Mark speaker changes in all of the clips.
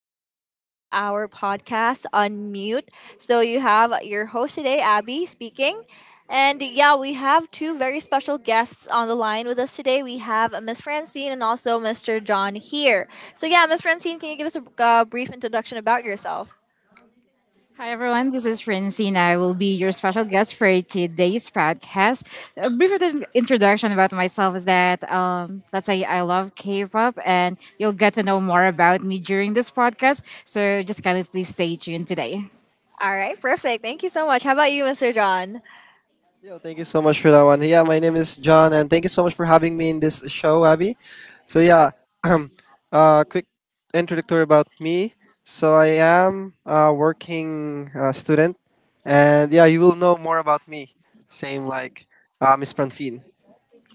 Speaker 1: new episode of our podcast, Unmute. So, you have your host today, Abby, speaking. And yeah, we have two very special guests on the line with us today. We have Miss Francine and also Mr. John here. So, yeah, Miss Francine, can you give us a brief introduction about yourself?
Speaker 2: Hi everyone, this is Francine. I will be your special guest for today's podcast. A brief introduction about myself is that, let's say I love K-pop, and you'll get to know more about me during this podcast. So just kind of please stay tuned today.
Speaker 1: All right, perfect. Thank you so much. How about you, Mr. John?
Speaker 3: Yo, thank you so much for that one. Yeah, my name is John, and thank you so much for having me in this show, Abby. So yeah, um, quick introductory about me. So I am a working student, and yeah, you will know more about me. Same like Miss Francine.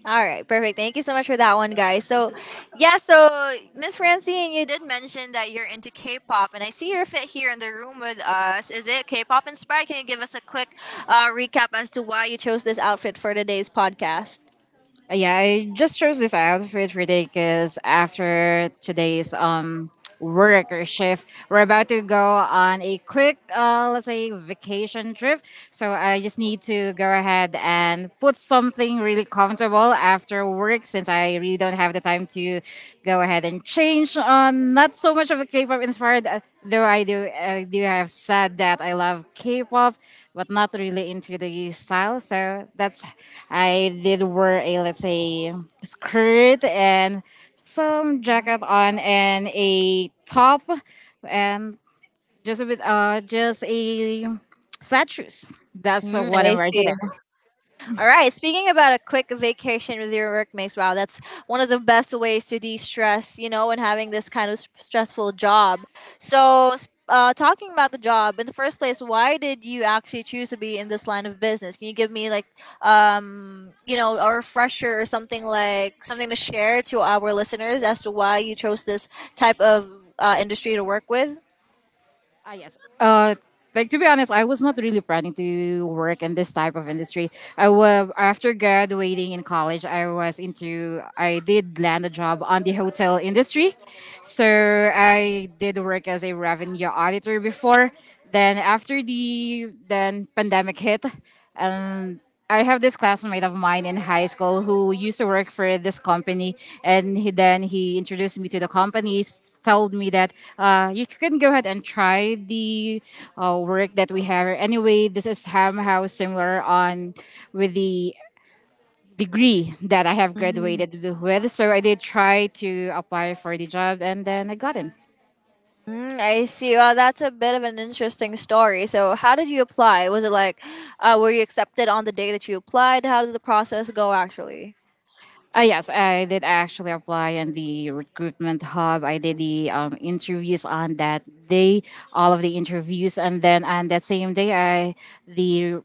Speaker 1: All right, perfect. Thank you so much for that one, guys. So, yeah, so Miss Francine, you did mention that you're into K-pop, and I see you're fit here in the room with us. Is it K-pop inspired? Can you give us a quick recap as to why you chose this outfit for today's podcast?
Speaker 2: Yeah, I just chose this outfit for today because after today's work or shift, we're about to go on a quick, let's say, vacation trip. So I just need to go ahead and put something really comfortable after work since I really don't have the time to go ahead, then change on. Not so much of a K-pop inspired, though I do have said that I love K-pop, but not really into the style. So that's, I did wear, a let's say, skirt and some jacket on and a top and just a bit, just a flat shoes. That's
Speaker 1: Mm,
Speaker 2: what I'm
Speaker 1: I
Speaker 2: wearing
Speaker 1: see.
Speaker 2: today.
Speaker 1: All right. Speaking about a quick vacation with your workmates, wow, that's one of the best ways to de-stress, you know, when having this kind of stressful job. So, talking about the job in the first place, why did you actually choose to be in this line of business? Can you give me like, a refresher or something like something to share to our listeners as to why you chose this type of industry to work with?
Speaker 2: Ah, yes. Uh, like, to be honest, I was not really planning to work in this type of industry. I was After graduating in college, I was into I did land a job on the hotel industry. So I did work as a revenue auditor before. Then after the then pandemic hit, and I have this classmate of mine in high school who used to work for this company, and he introduced me to the company. Told me that you can go ahead and try the work that we have. Anyway, this is somehow similar on with the degree that I have graduated with. So I did try to apply for the job, and then I got in.
Speaker 1: Mm, I see. Well, that's a bit of an interesting story. So, how did you apply? Was it like, were you accepted on the day that you applied? How did the process go actually?
Speaker 2: Yes, I did actually apply in the recruitment hub. I did the interviews on that day, all of the interviews, and then on that same day, I the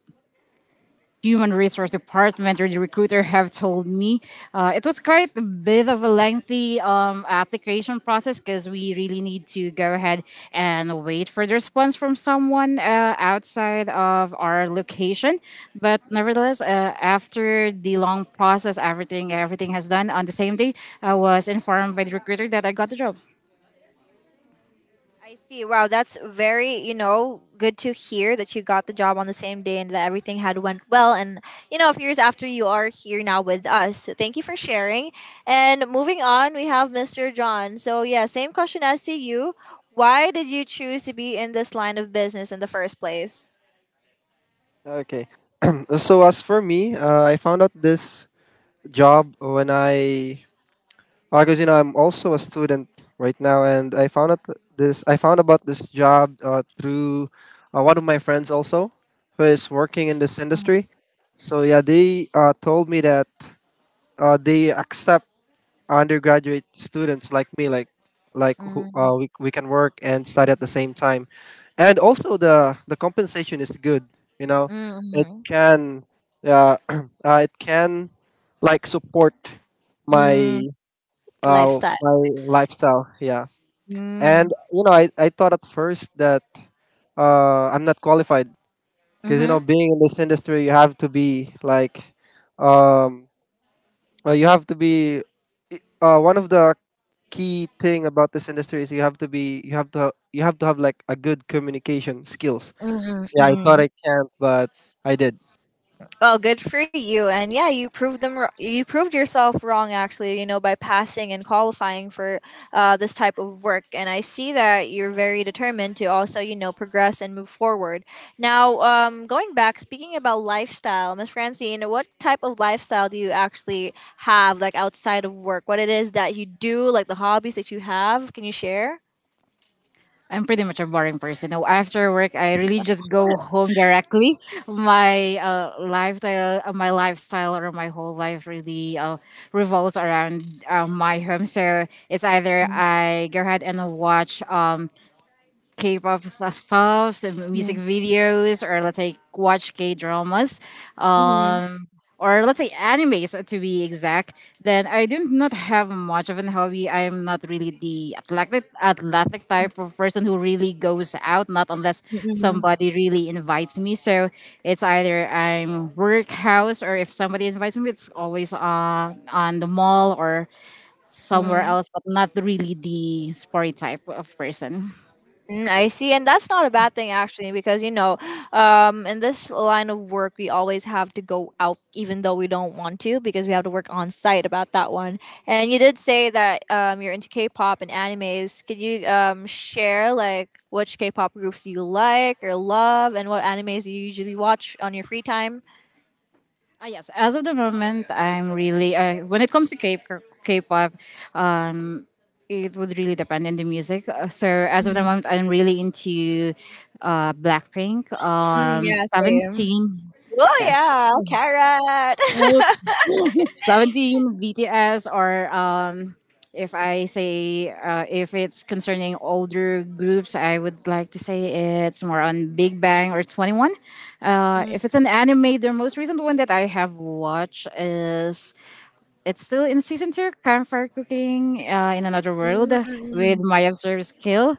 Speaker 2: human resource department or the recruiter have told me. It was quite a bit of a lengthy application process because we really need to go ahead and wait for the response from someone outside of our location. But nevertheless, after the long process, everything has done on the same day. I was informed by the recruiter that I got the job.
Speaker 1: I see. Wow, that's very, good to hear that you got the job on the same day and that everything had went well. And, a few years after you are here now with us. So thank you for sharing. And moving on, we have Mr. John. So, yeah, same question as to you. Why did you choose to be in this line of business in the first place?
Speaker 3: Okay. So as for me, I found out this job when I Because you know, I'm also a student right now, and I found out this. I found about this job through one of my friends also, who is working in this industry. So yeah, they told me that they accept undergraduate students like me, like who
Speaker 1: Mm,
Speaker 3: we can work and study at the same time, and also the compensation is good. You know,
Speaker 1: mm,
Speaker 3: it
Speaker 1: mm.
Speaker 3: can uh, it can like support my
Speaker 1: Mm, lifestyle.
Speaker 3: my lifestyle. Yeah,
Speaker 1: Mm.
Speaker 3: and you know, I thought at first that I'm not qualified because you know,
Speaker 1: Mhm.
Speaker 3: being in this industry, you have to be like, um, well, you have to be one of the key thing about this industry is you have to be you have to have like a good communication skills.
Speaker 1: Mm-mm,
Speaker 3: So, yeah, I thought
Speaker 1: mm-mm.
Speaker 3: I can't, but I did.
Speaker 1: Well, good for you. And yeah, you proved them. You proved yourself wrong, actually. You know, by passing and qualifying for this type of work. And I see that you're very determined to also, progress and move forward. Now, going back, speaking about lifestyle, Miss Francine, what type of lifestyle do you actually have, like outside of work? What it is that you do, like the hobbies that you have? Can you share?
Speaker 2: I'm pretty much a boring person. Now, after work, I really just go home directly. My my lifestyle, or my whole life really revolves around, my home. So it's either I go ahead and watch, K-pop stuffs and music
Speaker 1: Mm-hmm.
Speaker 2: videos, or let's say watch K-dramas, um, or let's say animes, to be exact. Then I do not have much of an hobby. I am not really the athletic type of person who really goes out, not unless somebody really invites me. So it's either I'm workhouse, or if somebody invites me, it's always on the mall or somewhere
Speaker 1: Mm-hmm.
Speaker 2: else, but not really the sporty type of person.
Speaker 1: Mm, I see, and that's not a bad thing actually, because in this line of work, we always have to go out, even though we don't want to, because we have to work on site about that one. And you did say that you're into K-pop and animes. Could you share like which K-pop groups do you like or love, and what animes do you usually watch on your free time?
Speaker 2: Yes, as of the moment, I'm really, when it comes to K-pop, um, it would really depend on the music. So as of the
Speaker 1: Mhm.
Speaker 2: moment, I'm really into, Blackpink,
Speaker 1: Mm, yeah, same.
Speaker 2: Seventeen,
Speaker 1: Oh
Speaker 2: yeah,
Speaker 1: yeah, carrot.
Speaker 2: oh, Seventeen, BTS, or if I say, if it's concerning older groups, I would like to say it's more on Big Bang or Twenty One.
Speaker 1: Mm,
Speaker 2: If it's an anime, the most recent one that I have watched is, it's still in season two, campfire cooking in another world
Speaker 1: mm,
Speaker 2: with
Speaker 1: mm,
Speaker 2: my observed skill.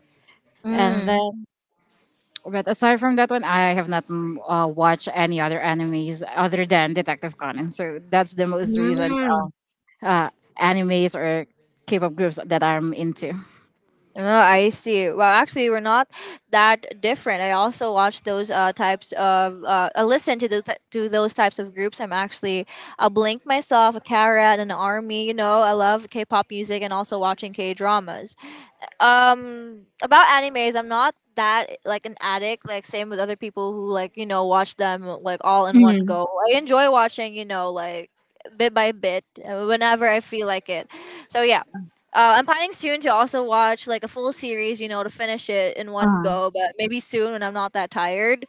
Speaker 2: And
Speaker 1: mm.
Speaker 2: then, but aside from that one, I have not, watched any other animes other than Detective Conan. So that's the most recent
Speaker 1: Mm.
Speaker 2: uh, animes or K-pop groups that I'm into.
Speaker 1: Oh, I see. Well, actually, we're not that different. I also watch those types of, listen to the to those types of groups. I'm actually a Blink myself, a Carrot, an Army. You know, I love K-pop music and also watching K-dramas, about animes. I'm not that like an addict, like same with other people who, like, watch them like all in one
Speaker 2: Mhm.
Speaker 1: go. I enjoy watching, like bit by bit, whenever I feel like it. So yeah, I'm planning soon to also watch like a full series, to finish it in one
Speaker 2: Uh,
Speaker 1: go, but maybe soon when I'm not that tired.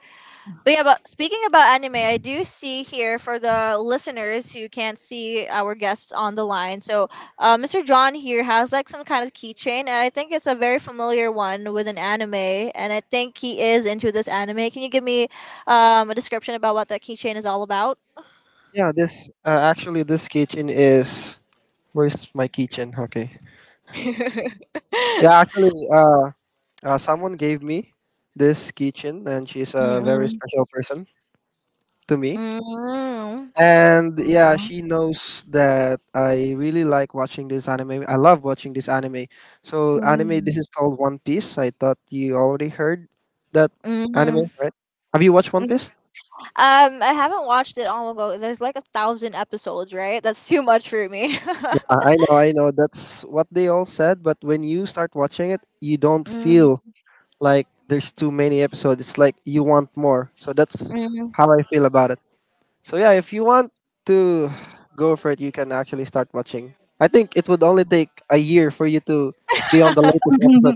Speaker 1: But yeah, but speaking about anime, I do see here for the listeners who can't see our guests on the line. So, Mr. John here has like some kind of keychain, and I think it's a very familiar one with an anime. And I think he is into this anime. Can you give me a description about what that keychain is all about?
Speaker 3: Yeah, this actually this kitchen is where's my kitchen? Okay. Yeah, actually, someone gave me this keychain, and she's a very
Speaker 1: Mm-mm.
Speaker 3: special person to me.
Speaker 1: Mm-mm.
Speaker 3: And yeah, she knows that I really like watching this anime. I love watching this anime. So anime,
Speaker 1: Mm.
Speaker 3: this is called One Piece. I thought you already heard that
Speaker 1: Mm.
Speaker 3: anime,
Speaker 1: Mm.
Speaker 3: right? Have you watched One Piece?
Speaker 1: I haven't watched it all ago. There's like a thousand episodes, right? That's too much for me.
Speaker 3: I know, I know. That's what they all said. But when you start watching it, you don't
Speaker 1: Mm,
Speaker 3: feel like there's too many episodes. It's like you want more. So that's
Speaker 1: mm.
Speaker 3: how I feel about it. So yeah, if you want to go for it, you can actually start watching. I think it would only take a year for you to be on the latest episode.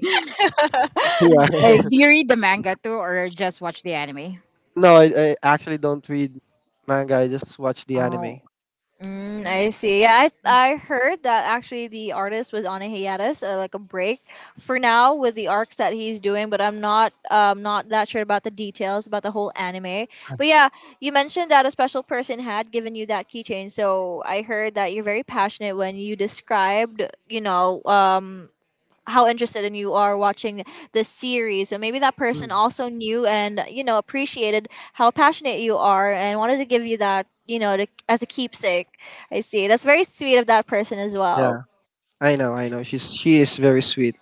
Speaker 3: Yeah.
Speaker 2: like, do you read the manga too, or just watch the anime?
Speaker 3: No, I actually don't read manga. I just watch the anime.
Speaker 2: Oh.
Speaker 1: Mm, I see. Yeah, I heard that actually the artist was on a hiatus, like a break, for now with the arcs that he's doing. But I'm not not that sure about the details about the whole anime.
Speaker 3: Ah,
Speaker 1: But yeah, you mentioned that a special person had given you that keychain. So I heard that you're very passionate when you described, you know, um how interested in you are watching this series. So maybe that person
Speaker 3: mm,
Speaker 1: also knew and appreciated how passionate you are and wanted to give you that, to, as a keepsake. I see. That's very sweet of that person as well.
Speaker 3: yeah, I know, I know. She is very sweet.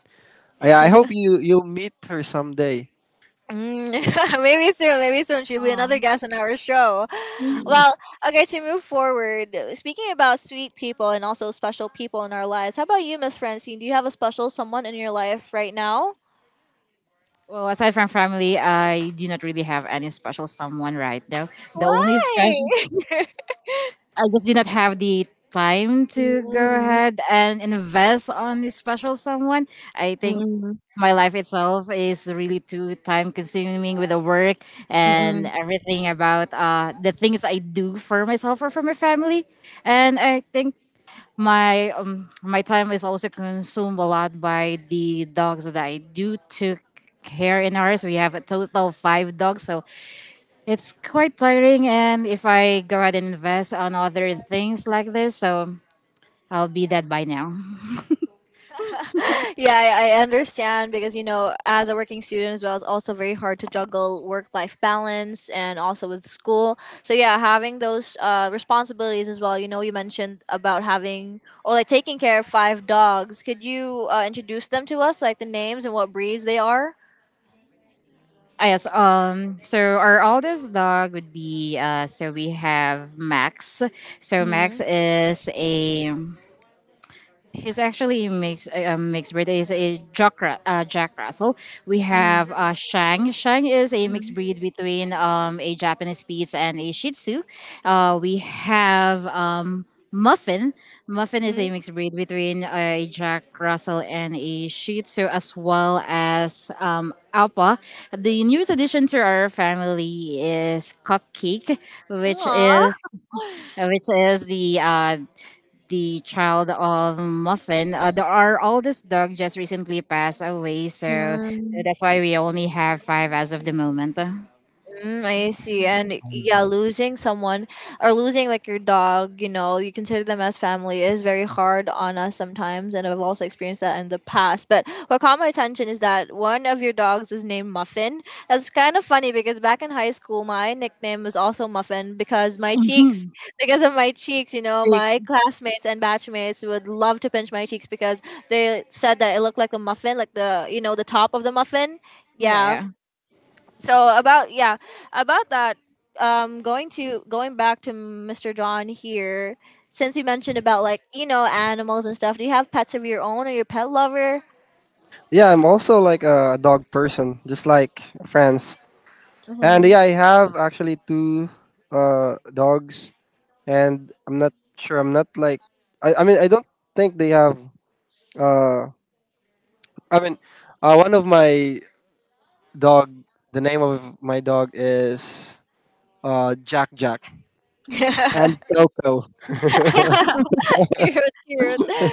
Speaker 3: I hope you'll meet her someday.
Speaker 1: Mm, maybe soon she'll be another
Speaker 2: Oh.
Speaker 1: guest on our show. Well, okay, to move forward, speaking about sweet people and also special people in our lives, how about you, Miss Francine? Do you have a special someone in your life right now?
Speaker 2: Well, aside from family, I do not really have any special someone right now. The only
Speaker 1: Why?
Speaker 2: special, I just did not have the time to go
Speaker 1: Mm,
Speaker 2: ahead and invest on this special someone. I
Speaker 1: mm,
Speaker 2: think
Speaker 1: mm,
Speaker 2: my life itself is really too time consuming, with the work and
Speaker 1: mm,
Speaker 2: everything about the things I do for myself or for my family. And I think my time is also consumed a lot by the dogs that I do took care in ours. We have a total of five dogs, so it's quite tiring, and if I go ahead and invest on other things like this, so I'll be dead by now.
Speaker 1: yeah, I understand because as a working student as well, it's also very hard to juggle work life balance and also with school. So yeah, having those responsibilities as well. You know, you mentioned about having or like taking care of five dogs. Could you introduce them to us, like the names and what breeds they are?
Speaker 2: Ah, yes. Um, so our oldest dog would be, uh, so we have Max. So
Speaker 1: Mm-hmm.
Speaker 2: Max is a, he's actually a mixed breed. He's a Jack Russell. We have Shang. Shang is a
Speaker 1: Mm-hmm.
Speaker 2: mixed breed between, a Japanese Spitz and a Shih Tzu. We have, Muffin. Muffin is a
Speaker 1: Mm-hmm.
Speaker 2: mixed breed between, a Jack Russell and a Shih Tzu, as well as, Alpa. The newest addition to our family is Cupcake, which is the, child of Muffin. The, our oldest dog just recently passed away, so that's
Speaker 1: Aww.
Speaker 2: why we only have five as of the moment. Six.
Speaker 1: Mm, I see. And yeah, losing someone or losing like your dog, you consider them as family is very hard on us sometimes. And I've also experienced that in the past. But what caught my attention is that one of your dogs is named Muffin. That's kind of funny because back in high school, my nickname was also Muffin because of my cheeks, my classmates and batchmates would love to pinch my cheeks because they said that it looked like a muffin, like the top of the muffin.
Speaker 2: Yeah,
Speaker 1: Yeah,
Speaker 2: yeah.
Speaker 1: so about yeah about that, going to going back to Mr. John here. Since you mentioned about, like, animals and stuff, do you have pets of your own, or your pet lover?
Speaker 3: Yeah, I'm also like a dog person, just like friends. And
Speaker 1: Mm-hmm.
Speaker 3: yeah, I have actually two dogs. And I'm not sure. I'm not like I mean I don't think they have. Uh, I mean, one of my dog. The name of my dog is Jack Jack and Coco.
Speaker 1: Cute, cute.
Speaker 2: Like,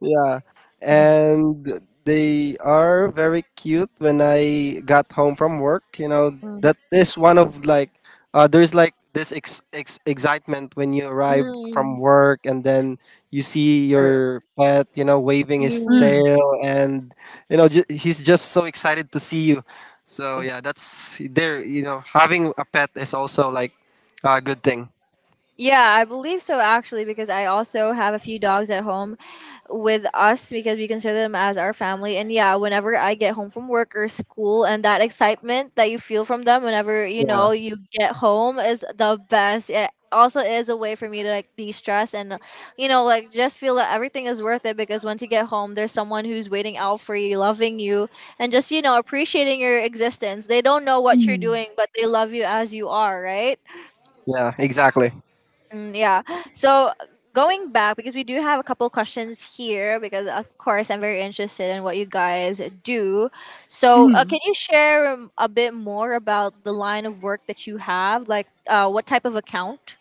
Speaker 3: Yeah, and they are very cute. When I got home from work, you know,
Speaker 1: Mm.
Speaker 3: that is one of like there's like this excitement when you arrive from
Speaker 1: Mm,
Speaker 3: work and then you see your pet, you know, waving his
Speaker 1: mm.
Speaker 3: tail and you know he's just so excited to see you. So yeah, that's there. You know, having a pet is also like a good thing.
Speaker 1: Yeah, I believe so actually, because I also have a few dogs at home with us, because we consider them as our family. And yeah, whenever I get home from work or school, and that excitement that you feel from them whenever,
Speaker 3: Yeah,
Speaker 1: you get home is the best. It also is a way for me to like de-stress and, like just feel that everything is worth it, because once you get home, there's someone who's waiting out for you, loving you, and just, appreciating your existence. They don't know what you're
Speaker 2: mhm.
Speaker 1: doing, but they love you as you are, right?
Speaker 3: yeah, exactly.
Speaker 1: Mm, yeah. So going back, because we do have a couple questions here, because of course I'm very interested in what you guys do. So
Speaker 2: Mhm.
Speaker 1: can you share a bit more about the line of work that you have? Like, what type of account?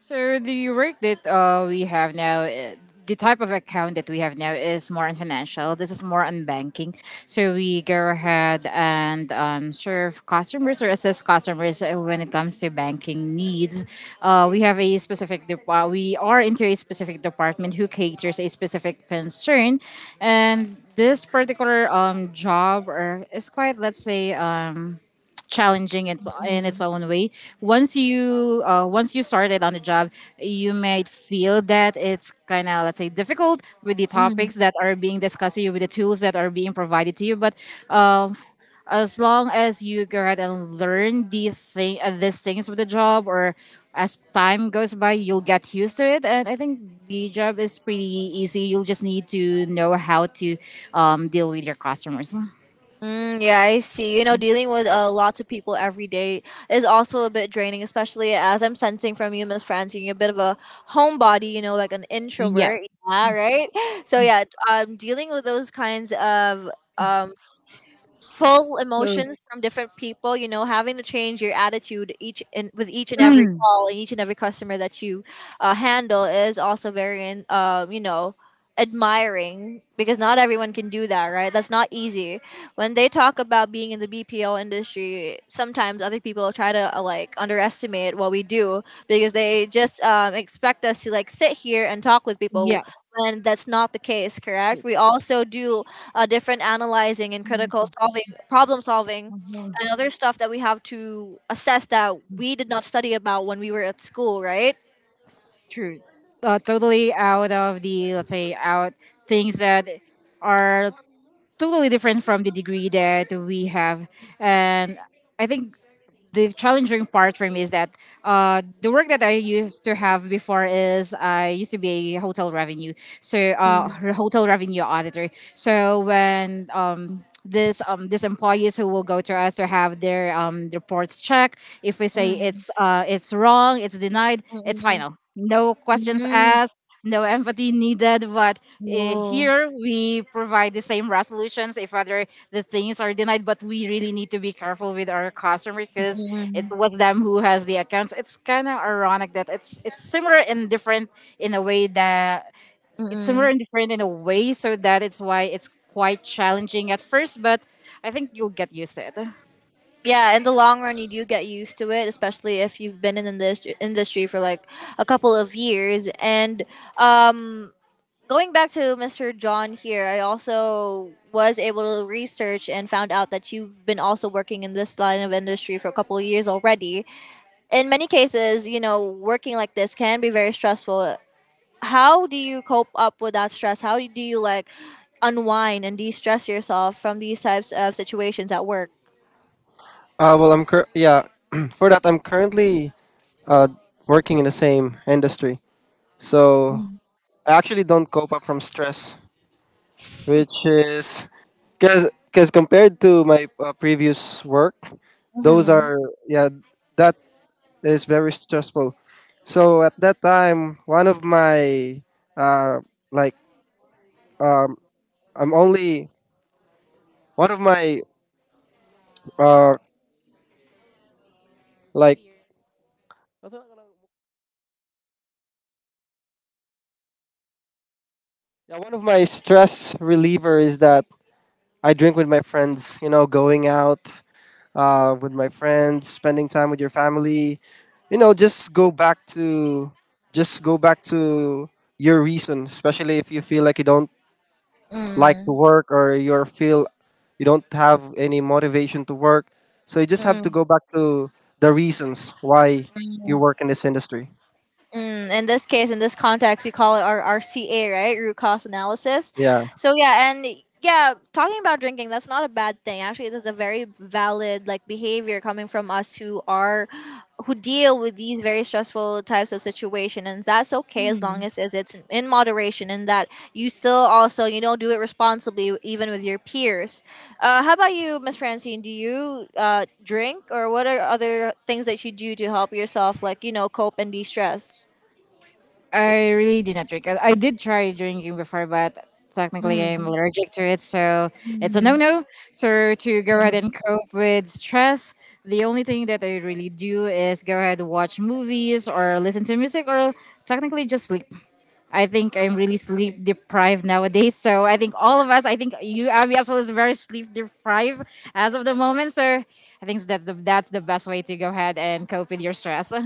Speaker 2: So the work that we have now, the type of account that we have now is more on financial. This is more on banking. So we go ahead and, serve customers or assist customers when it comes to banking needs. We are into a specific department who caters a specific concern, and this particular job or is, quite let's say, challenging it's in its own way. Once you, once you started on the job, you might feel that it's kind of let's say difficult with the
Speaker 1: Mhm.
Speaker 2: topics that are being discussed to you, with the tools that are being provided to you, but um, as long as you go ahead and learn these things with the job, or as time goes by, you'll get used to it. And I think the job is pretty easy. You'll just need to know how to, deal with your customers.
Speaker 1: Mm, yeah, I see. You know, dealing with lots of people every day is also a bit draining, especially as I'm sensing from you, Miss Francine, you're a bit of a homebody, like an introvert.
Speaker 2: Yes.
Speaker 1: Yeah, right? So, yeah, dealing with those kinds of um, full
Speaker 2: So,
Speaker 1: emotions from different people, having to change your attitude each and with each and every call and each and every customer that you handle is also very admiring, because not everyone can do that, right? That's not easy. When they talk about being in the BPO industry, sometimes other people try to like underestimate what we do, because they just expect us to like sit here and talk with people,
Speaker 2: yes.
Speaker 1: when that's not the case, correct? We also do different analyzing and problem solving, and other stuff that we have to assess that we did not study about when we were at school, right?
Speaker 2: True. Totally out of the, let's say, out things that are totally different from the degree that we have. And I think the challenging part for me is that, the work that I used to have before is, I used to be a hotel revenue, so
Speaker 1: Mm,
Speaker 2: hotel revenue auditor. So when, this these employees who will go to us to have their reports checked, if we say
Speaker 1: mm,
Speaker 2: it's, it's wrong, it's denied, it's
Speaker 1: mm,
Speaker 2: final, no
Speaker 1: mm,
Speaker 2: questions
Speaker 1: mm.
Speaker 2: asked, no empathy needed. But
Speaker 1: Oh,
Speaker 2: here we provide the same resolutions if other the things are denied, but we really need to be careful with our customer because
Speaker 1: mm,
Speaker 2: it's was them who has the accounts. It's kind of ironic that it's similar and different in a way that
Speaker 1: mm.
Speaker 2: in a way, so that it's why it's quite challenging at first, but I think you'll get used to
Speaker 1: Yeah, in the long run, you do get used to it, especially if you've been in this industry for like a couple of years. And um, going back to Mr. John here, I also was able to research and found out that you've been also working in this line of industry for a couple of years already. In many cases, working like this can be very stressful. How do you cope up with that stress? How do you like unwind and de-stress yourself from these types of situations at work?
Speaker 3: Well, I'm cur- yeah. For that, I'm currently uh, working in the same industry. So I actually don't cope up from stress, which is because compared to my previous work, those
Speaker 1: Mm-hmm.
Speaker 3: are yeah that is very stressful. So at that time, one of my uh, like um, I'm only one of my uh, like
Speaker 2: it.
Speaker 3: yeah, one of my stress reliever is that I drink with my friends. You know, going out with my friends, spending time with your family. You know, just go back to your reason, especially if you feel like you don't like to
Speaker 1: Mm.
Speaker 3: work or you feel you don't have any motivation to work. So you just have to
Speaker 1: Mm.
Speaker 3: go back to the reasons why you work in this industry.
Speaker 1: Mm, in this case, in this context, we call it our RCA, right? Root cause analysis.
Speaker 3: Yeah.
Speaker 1: So yeah, and yeah, talking about drinking, that's not a bad thing. Actually, it is a very valid like behavior coming from us who deal with these very stressful types of situation, and that's okay as long as it's in moderation and that you still also do it responsibly even with your peers. How about you, Miss Francine? Do you drink, or what are other things that you do to help yourself, like cope and de stress?
Speaker 2: I really did not drink. I did try drinking before, but technically I'm allergic to it, so it's a
Speaker 1: Mm-hmm.
Speaker 2: no-no. So to go ahead and cope with stress, the only thing that I really do is go ahead and watch movies or listen to music or technically just sleep. I think I'm really sleep deprived nowadays. So I think all of us, I think you, Abby, as well, is very sleep deprived as of the moment. So I think that that's the best way to go ahead and cope with your stress.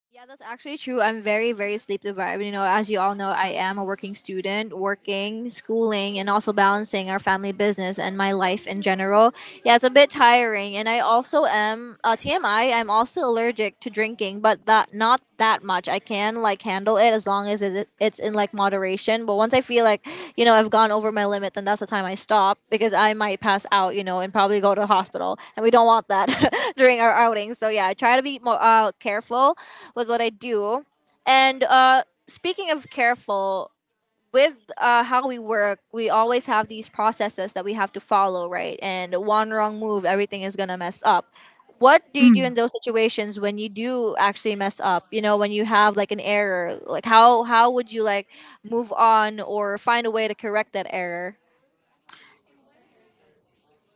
Speaker 1: Yeah, that's actually true. I'm very, very sleep deprived. You know, as you all know, I am a working student, working, schooling, and also balancing our family business and my life in general. Yeah, it's a bit tiring. And I also am, TMI, I'm also allergic to drinking, but that not that. That much. I can like handle it as long as it's in like moderation. But once I feel like, you know, I've gone over my limit, then that's the time I stop because I might pass out, you know, and probably go to the hospital. And we don't want that during our outings. So yeah, I try to be more careful with what I do. And speaking of careful, with how we work, we always have these processes that we have to follow, right? And one wrong move, everything is gonna mess up. What do you do in those situations when you do actually mess up? You know, when you have like an error, like how would you like move on or find a way to correct that error?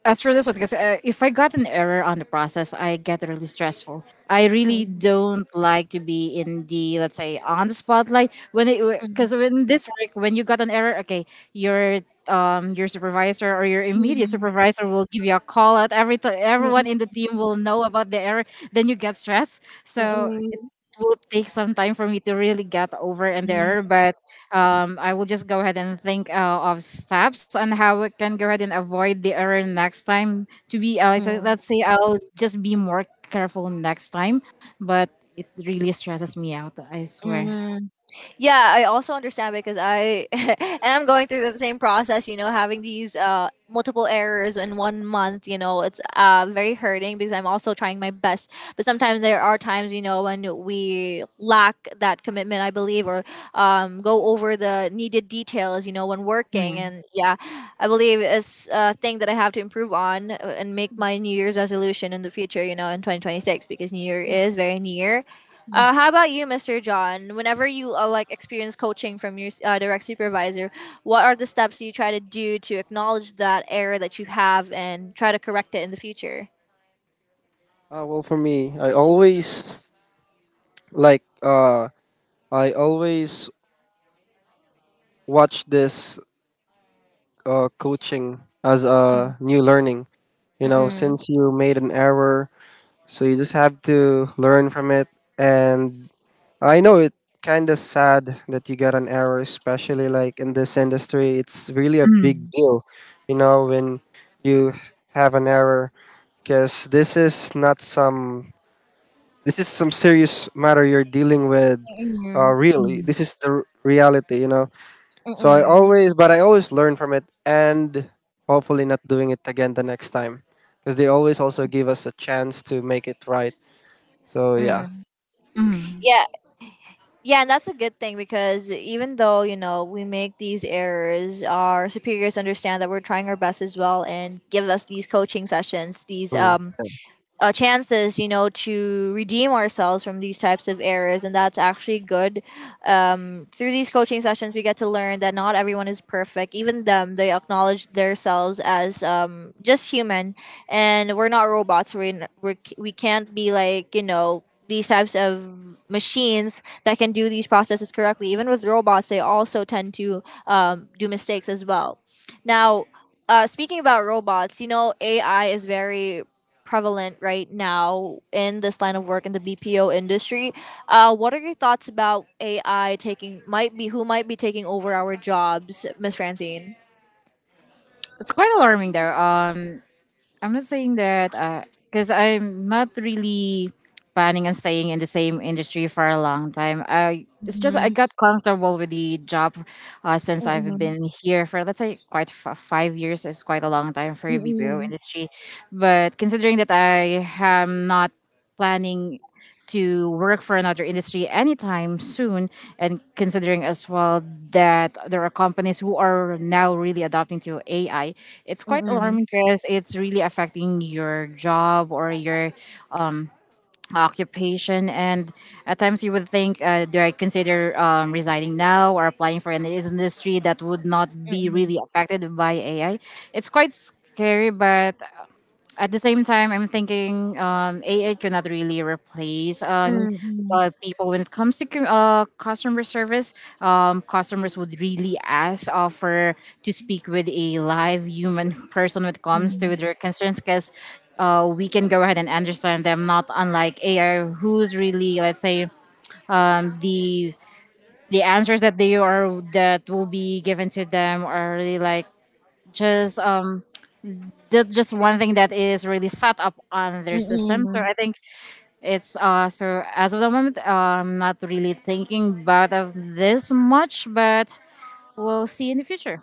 Speaker 2: As for this one, because if I got an error on the process, I get really stressful. I really
Speaker 1: Mm,
Speaker 2: don't like to be in the, let's say, on the spotlight when it,
Speaker 1: mm,
Speaker 2: because when this work, when you got an error, okay, your your supervisor or your immediate
Speaker 1: mm,
Speaker 2: supervisor will give you a call out.
Speaker 1: mm,
Speaker 2: Everyone in the team will know about the error. Then you get stressed. So it
Speaker 1: mm,
Speaker 2: will take some time for me to really get over an error, but I will just go ahead and think, of steps on how we can go ahead and avoid the error next time. To be,
Speaker 1: mm, mm,
Speaker 2: let's say, I'll just be more careful next time, but it really stresses me out, I swear.
Speaker 1: mm, yeah, I also understand because I am going through the same process, you know, having these multiple errors in one month, you know, it's very hurting because I'm also trying my best. But sometimes there are times, you know, when we lack that commitment, I believe, or go over the needed details, you know, when working.
Speaker 2: Mm.
Speaker 1: And yeah, I believe it's a thing that I have to improve on and make my New Year's resolution in the future, you know, in 2026 because New Year is very near. How about you, Mr. John? Whenever you like experience coaching from your direct supervisor, what are the steps you try to do to acknowledge that error that you have and try to correct it in the future?
Speaker 3: Well, for me, I always like I always watch this coaching as
Speaker 1: Mm,
Speaker 3: a new learning. You know,
Speaker 1: Mm-mm,
Speaker 3: since you made an error, so you just have to learn from it, and I know it kind of sad that you got an error, especially like in this industry, it's really a big
Speaker 2: Mm.
Speaker 3: deal. You know, when you have an error, because this is not some, this is some serious matter you're dealing with,
Speaker 1: mm-mm,
Speaker 3: really
Speaker 2: Mm.
Speaker 3: this is the reality, you know. So I
Speaker 1: mm-mm,
Speaker 3: always, but I always learn from it, and hopefully not doing it again the next time, because they always also give us a chance to make it right. So yeah.
Speaker 1: mm.
Speaker 2: Mm.
Speaker 1: Yeah, yeah, and that's a good thing because even though you know we make these errors, our superiors understand that we're trying our best as well and give us these coaching sessions, these
Speaker 3: Mm.
Speaker 1: chances, you know, to redeem ourselves from these types of errors, and that's actually good. Through these coaching sessions, we get to learn that not everyone is perfect. Even them, they acknowledge themselves as just human, and we're not robots. We're, n- we're c- We can't be like you know these types of machines that can do these processes correctly. Even with robots, they also tend to do mistakes as well. Now, speaking about robots, you know, AI is very prevalent right now in this line of work in the BPO industry. What are your thoughts about AI taking might be who might be taking over our jobs, Miss Francine?
Speaker 2: It's quite alarming though. I'm not saying that because I'm not really planning on staying in the same industry for a long time. I It's just I
Speaker 1: Mhm.
Speaker 2: got comfortable with the job, since I've
Speaker 1: Mm-mm.
Speaker 2: been here for, let's say, quite 5 years. It's quite a long time for a BPO
Speaker 1: Mm-mm.
Speaker 2: industry, but considering that I am not planning to work for another industry anytime soon, and considering as well that there are companies who are now really adopting to AI. It's quite
Speaker 1: Mm-mm.
Speaker 2: alarming because it's really affecting your job or your um, occupation. And at times you would think, do I consider resigning now or applying for an industry that would not be
Speaker 1: Mm-mm.
Speaker 2: really affected by AI? It's quite scary, but at the same time, I'm thinking AI cannot really replace people when it comes to customer service. Customers would really ask for to speak with a live human person when it comes to
Speaker 1: Mm-mm.
Speaker 2: their concerns, because we can go ahead and understand them, not unlike AI, who's really, let's say, um, the the answers that they are that will be given to them are really like just that's just one thing that is really set up on their system. So
Speaker 1: Mm-mm.
Speaker 2: I think it's so as of the moment, I'm not really thinking about of this much, but we'll see in the future.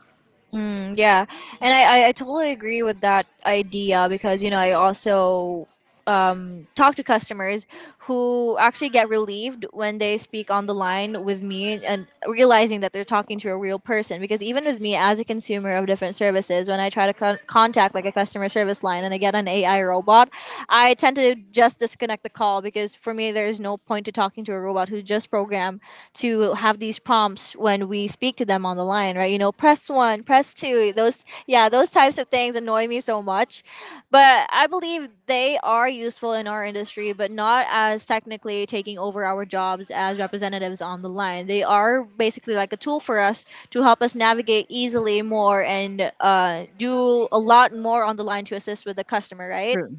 Speaker 1: Mm, yeah, and I totally agree with that idea because you know I also talk to customers who actually get relieved when they speak on the line with me and realizing that they're talking to a real person, because even with me as a consumer of different services, when I try to contact like a customer service line and I get an AI robot, I tend to just disconnect the call because for me, there is no point to talking to a robot who's just programmed to have these prompts when we speak to them on the line, right? You know, press one, press two. Those, yeah, those types of things annoy me so much. But I believe they are useful in our industry, but not as technically taking over our jobs as representatives on the line. They are basically like a tool for us to help us navigate easily more and do a lot more on the line to assist with the customer, right?
Speaker 2: True.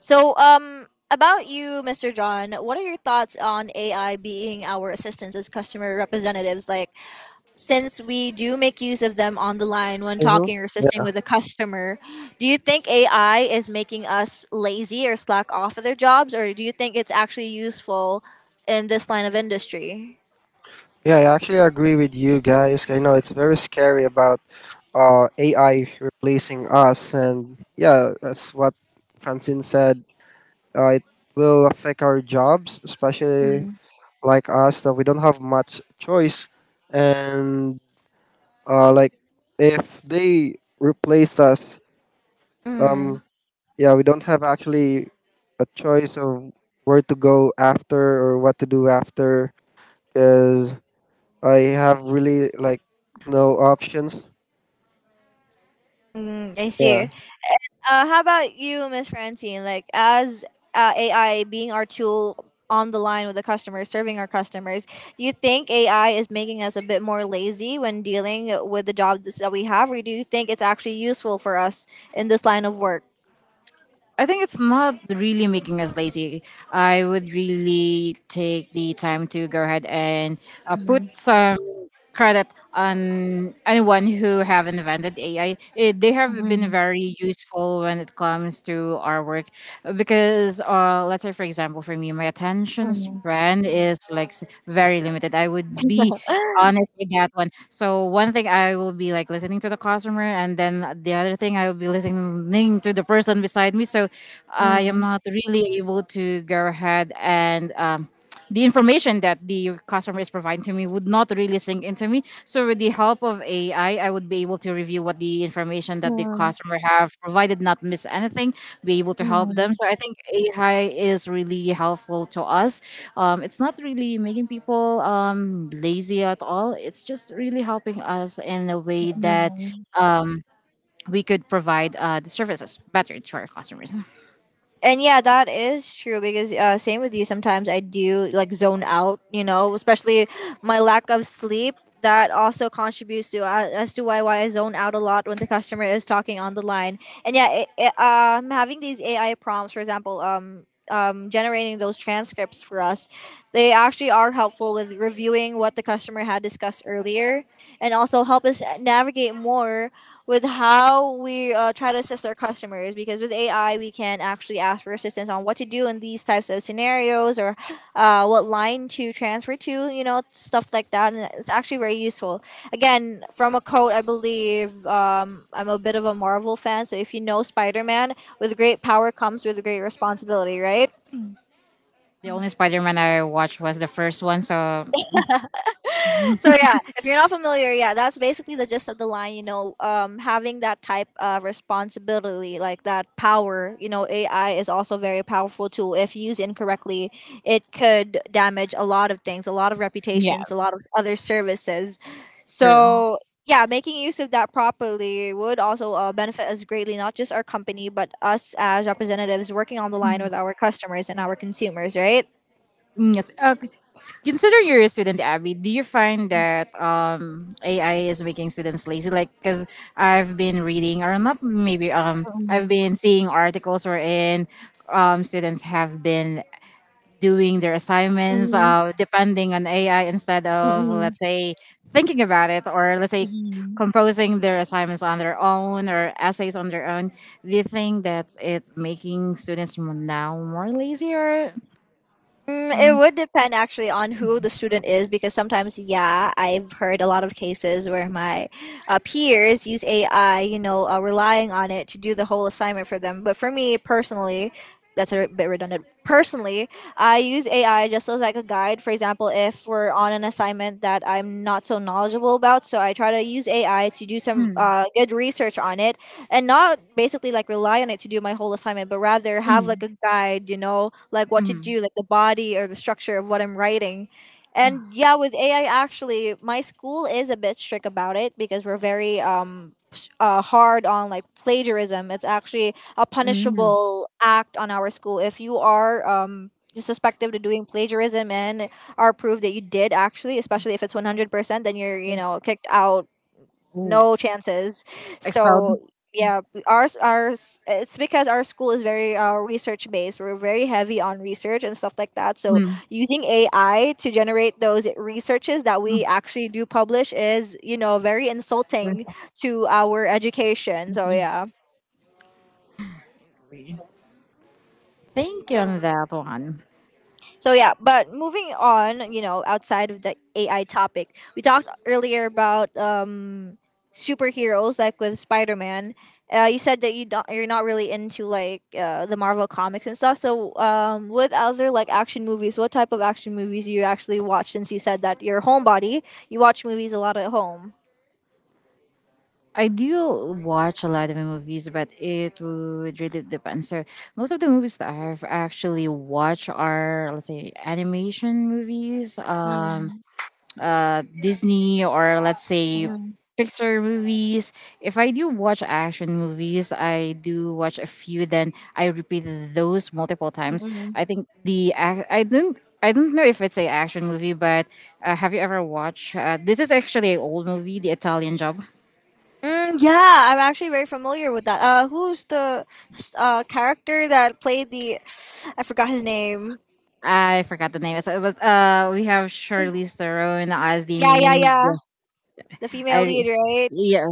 Speaker 1: So, about you, Mr. John, what are your thoughts on AI being our assistants as customer representatives? Like, since we do make use of them on the line when
Speaker 3: Mm-hmm.
Speaker 1: talking or assisting
Speaker 3: Yeah.
Speaker 1: with a customer, do you think AI is making us lazy or slack off of their jobs, or do you think it's actually useful in this line of industry?
Speaker 3: Yeah, I actually agree with you guys. I know it's very scary about AI replacing us, and yeah, that's what Francine said. It will affect our jobs, especially
Speaker 1: Mm.
Speaker 3: like us that we don't have much choice, and like if they replaced us,
Speaker 1: Mm.
Speaker 3: um yeah, we don't have actually a choice of where to go after or what to do after, because I have really like no options.
Speaker 1: Mm, I
Speaker 3: Yeah.
Speaker 1: see. How about you, Miss Francine? Like, as AI being our tool on the line with the customers, serving our customers, do you think AI is making us a bit more lazy when dealing with the jobs that we have, or do you think it's actually useful for us in this line of work?
Speaker 2: I think it's not really making us lazy. I would really take the time to go ahead and
Speaker 1: Mm,
Speaker 2: put some credit on anyone who have invented AI. They have been
Speaker 1: mm,
Speaker 2: very useful when it comes to our work because, let's say, for example, for me, my attention
Speaker 1: mm,
Speaker 2: span is like very limited. I would be honest with that one. So one thing I will be like listening to the customer, and then the other thing I will be listening to the person beside me. So I am
Speaker 1: mm,
Speaker 2: not really able to go ahead and. The information that the customer is providing to me would not really sink into me. So with the help of AI, I would be able to review what the information that the
Speaker 1: mm,
Speaker 2: customer have provided, not miss anything, be able to help them.
Speaker 1: mm,
Speaker 2: So I think AI is really helpful to us. It's not really making people lazy at all. It's just really helping us in a way that
Speaker 1: mm.
Speaker 2: um, we could provide the services better to our customers.
Speaker 1: And yeah, that is true because same with you, sometimes I do like zone out, you know, especially my lack of sleep, that also contributes to as to why I zone out a lot when the customer is talking on the line. And yeah, having these AI prompts, for example, generating those transcripts for us, they actually are helpful with reviewing what the customer had discussed earlier, and also help us navigate more with how we try to assist our customers, because with AI we can actually ask for assistance on what to do in these types of scenarios or what line to transfer to, you know, stuff like that, and it's actually very useful. Again, from a quote I believe, I'm a bit of a Marvel fan, so if you know Spider-Man, with great power comes with great responsibility, right?
Speaker 2: The only Spider-Man I watched was the first one, so
Speaker 1: So yeah, if you're not familiar, yeah, that's basically the gist of the line. You know, having that type of responsibility, like that power. You know, AI is also a very powerful tool. If used incorrectly, it could damage a lot of things, a lot of
Speaker 2: yeah.
Speaker 1: reputations, a lot of other services. So yeah, making use of that properly would also benefit us greatly, not just our company, but us as representatives working on the line with our customers and our consumers. Right.
Speaker 2: Mm, yes. Considering you're a student, Abby, do you find that AI is making students lazy? Like, because I've been reading, or not maybe, I've
Speaker 1: Mm,
Speaker 2: been seeing articles wherein students have been doing their assignments
Speaker 1: mm,
Speaker 2: depending on AI instead
Speaker 1: mm,
Speaker 2: of,
Speaker 1: mm,
Speaker 2: let's say, thinking about it, or let's say,
Speaker 1: mm.
Speaker 2: composing their assignments on their own or essays on their own. Do you think that it's making students now more lazy, or?
Speaker 1: Mm, it
Speaker 2: Mm,
Speaker 1: would depend actually on who the student is because sometimes, yeah, I've heard a lot of cases where my peers use AI, you know, relying on it to do the whole assignment for them. But for me personally, that's a bit redundant. Personally, I use AI just as like a guide. For example, if we're on an assignment that I'm not so knowledgeable about, so I try to use AI to do some
Speaker 2: mm,
Speaker 1: good research on it, and not basically like rely on it to do my whole assignment, but rather have like
Speaker 2: mm,
Speaker 1: a guide, you know, like what to
Speaker 2: mm,
Speaker 1: do, like the body or the structure of what I'm writing. And yeah, with AI, actually, my school is a bit strict about it because we're very hard on like plagiarism. It's actually a
Speaker 2: mm.
Speaker 1: punishable act on our school if you are suspected of doing plagiarism and are proved that you did actually, especially if it's 100%, then you're you know kicked out,
Speaker 2: Ooh.
Speaker 1: no chances.
Speaker 2: Ex-
Speaker 1: So yeah, ours it's because our school is very research based. We're very heavy on research and stuff like that. So
Speaker 2: mm.
Speaker 1: using AI to generate those researches that we actually do publish is you know very insulting to our education. So yeah.
Speaker 2: Thank you on that one.
Speaker 1: So yeah, but moving on, you know, outside of the AI topic, we talked earlier about superheroes, like with Spider Man. You said that you don't, you're not really into like the Marvel comics and stuff. So with other like action movies, what type of action movies you actually watch? Since you said that you're a homebody, you watch movies a lot at home.
Speaker 2: I do watch a lot of movies, but it would really depend. So most of the movies that I've actually watched are, let's say, animation movies.
Speaker 1: Mm,
Speaker 2: Disney, or let's say
Speaker 1: mm,
Speaker 2: Pixar movies. If I do watch action movies, I do watch a few. Then I repeat those multiple times.
Speaker 1: Hmm.
Speaker 2: I think the I don't know if it's a action movie, but have you ever watched? This is actually an old movie, The Italian Job.
Speaker 1: Mm, yeah, I'm actually very familiar with that. Who's the character that played the? I forgot his name.
Speaker 2: I forgot the name. So, but we have Charlize Theron as the
Speaker 1: Yeah, yeah,
Speaker 2: main.
Speaker 1: yeah. The female
Speaker 2: I re-
Speaker 1: lead, right?
Speaker 2: yeah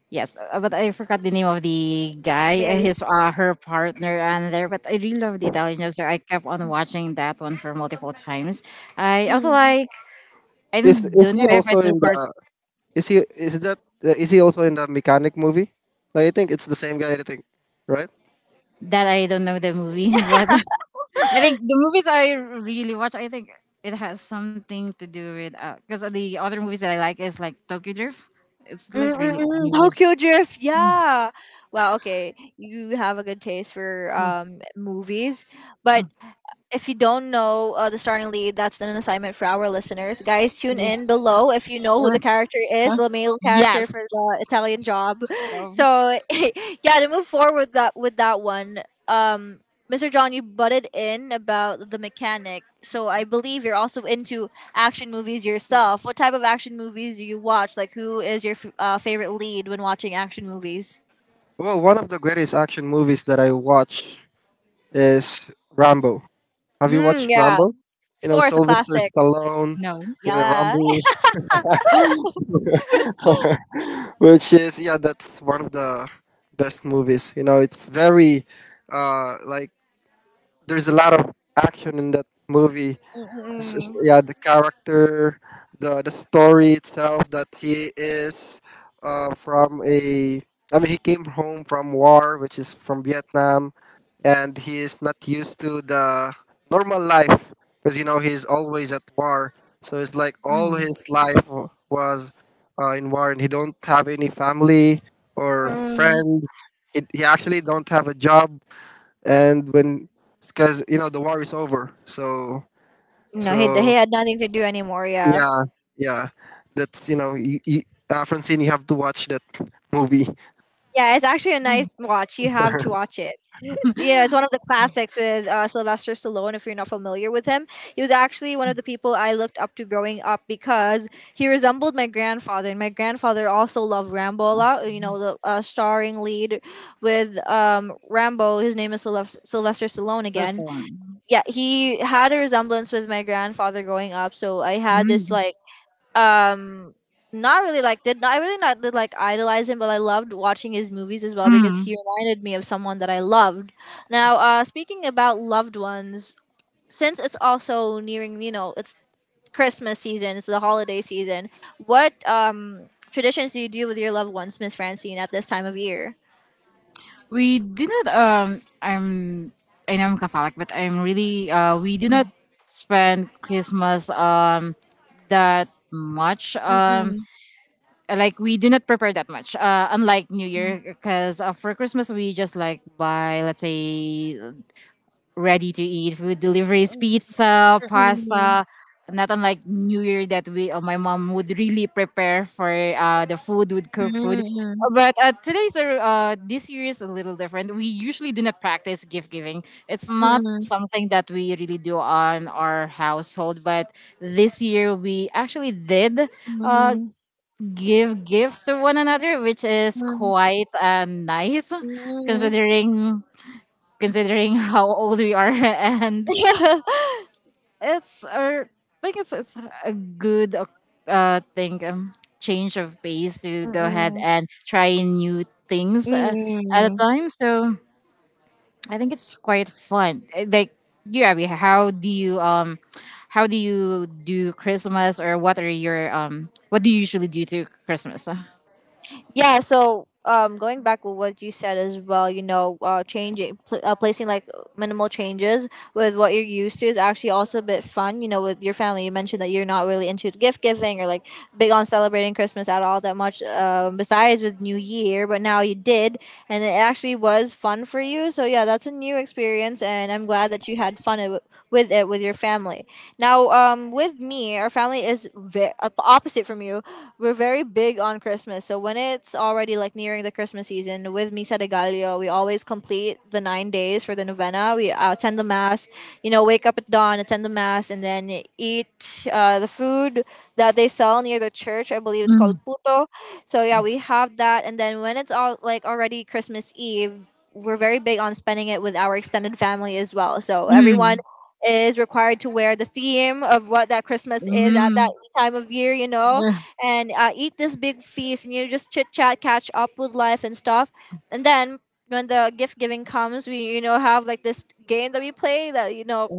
Speaker 2: Yes, but I forgot the name of the guy,
Speaker 1: Male.
Speaker 2: his her partner, and there. But I really love the Italian Job, so I kept on watching that one for multiple times. I also
Speaker 1: Mm.
Speaker 2: like. I don't
Speaker 3: is
Speaker 2: don't
Speaker 3: he
Speaker 2: know if
Speaker 3: also
Speaker 2: it's
Speaker 3: in
Speaker 2: the
Speaker 3: the
Speaker 2: parts
Speaker 3: is he is that is he also in the mechanic movie? Like, I think it's the same guy, I think, right?
Speaker 2: that I don't know the movie, but I think the movies I really watch, I think it has something to do with, because the other movies that I like is like Tokyo Drift. It's like really old
Speaker 1: Mm-mm-mm.
Speaker 2: movies.
Speaker 1: Tokyo Drift. Yeah. Wow. Okay. You have a good taste for movies, but if you don't know the starring lead, that's an assignment for our listeners. Guys, tune in below if you know who
Speaker 2: Uh,
Speaker 1: the character is,
Speaker 2: huh?
Speaker 1: the male character
Speaker 2: Yes.
Speaker 1: for the Italian job.
Speaker 2: So,
Speaker 1: So, yeah, to move forward with that one, Mr. John, you butted in about the mechanic. So, I believe you're also into action movies yourself. What type of action movies do you watch? Like, who is your favorite lead when watching action movies?
Speaker 3: Well, one of the greatest action movies that I watch is Rambo. Have you
Speaker 1: Mm,
Speaker 3: watched
Speaker 1: yeah,
Speaker 3: Rambo? You
Speaker 1: of
Speaker 3: know,
Speaker 1: course, a
Speaker 3: Sylvester
Speaker 1: classic.
Speaker 3: Stallone,
Speaker 2: no.
Speaker 1: Yeah.
Speaker 3: Rambo, which is, yeah, that's one of the best movies. You know, it's very like there's a lot of action in that movie. This is, yeah, the character, the story itself that he is from a. I mean, he came home from war, which is from Vietnam, and he is not used to the normal life because you know he's always at war. So it's like all
Speaker 2: Mm.
Speaker 3: his life was in war, and he don't have any family or
Speaker 1: Mm-mm.
Speaker 3: friends. He actually don't have a job, and when, because you know the war is over, so
Speaker 1: No, he
Speaker 3: so
Speaker 1: had nothing to do anymore. Yeah,
Speaker 3: yeah, yeah. That's, you know, Francine, you have to watch that movie.
Speaker 1: yeah, it's actually a nice watch. You have to watch it. Yeah, it's one of the classics with Sylvester Stallone. If you're not familiar with him, he was actually one of the people I looked up to growing up because he resembled my grandfather, and my grandfather also loved Rambo a lot. You know, the starring lead with Rambo. His name is Sylvester Stallone
Speaker 2: First
Speaker 1: again.
Speaker 2: one.
Speaker 1: Yeah, he had a resemblance with my grandfather growing up, so I had this like um not really like did I really not did like idolize him, but I loved watching his movies as well because he reminded me of someone that I loved. Now, speaking about loved ones, since it's also nearing, you know, it's Christmas season, it's the holiday season. What traditions do you do with your loved ones, Miss Francine, at this time of year?
Speaker 2: We do not I'm, I know I'm Catholic, but I'm really we do not spend Christmas that much, like we do not prepare that much, unlike New Year, because for Christmas we just like buy, let's say, ready to eat food deliveries, pizza, pasta. Not unlike New Year, that we, my mom would really prepare for the food, would cook food. But today's this year is a little different. We usually do not practice gift giving. It's not something that we really do on our household. But this year we actually did uh,
Speaker 1: Mm.
Speaker 2: give gifts to one another, which is quite nice, considering considering how old we are, and it's a like I think it's a good thing. Change of pace to go ahead
Speaker 1: Mm.
Speaker 2: and try new things,
Speaker 1: Mm.
Speaker 2: at a
Speaker 1: Mm.
Speaker 2: time. So I think it's quite fun. Like you, Abby, how do you do Christmas, or what are your what do you usually do to Christmas,
Speaker 1: Yeah, so going back with what you said as well, you know, changing, placing like minimal changes with what you're used to is actually also a bit fun. You know, with your family, you mentioned that you're not really into gift giving or like big on celebrating Christmas at all that much. Besides with New Year, but now you did, and it actually was fun for you. So yeah, that's a new experience, and I'm glad that you had fun with it with your family. Now, with me, our family is opposite from you. We're very big on Christmas. So when it's already like nearing the Christmas season, with Misa de Gallo, we always complete the 9 days for the novena. We attend the mass, you know, wake up at dawn, attend the mass, and then eat the food that they sell near the church. I believe it's called
Speaker 2: Mm,
Speaker 1: puto. So yeah, we have that, and then when it's all like already Christmas Eve, we're very big on spending it with our extended family as well. So everyone
Speaker 2: mm,
Speaker 1: is required to wear the theme of what that Christmas is at that
Speaker 2: mm,
Speaker 1: time of year, you know,
Speaker 2: mm,
Speaker 1: and eat this big feast, and you just chit chat, catch up with life and stuff. And then when the gift giving comes, we, you know, have like this game that we play that, you know,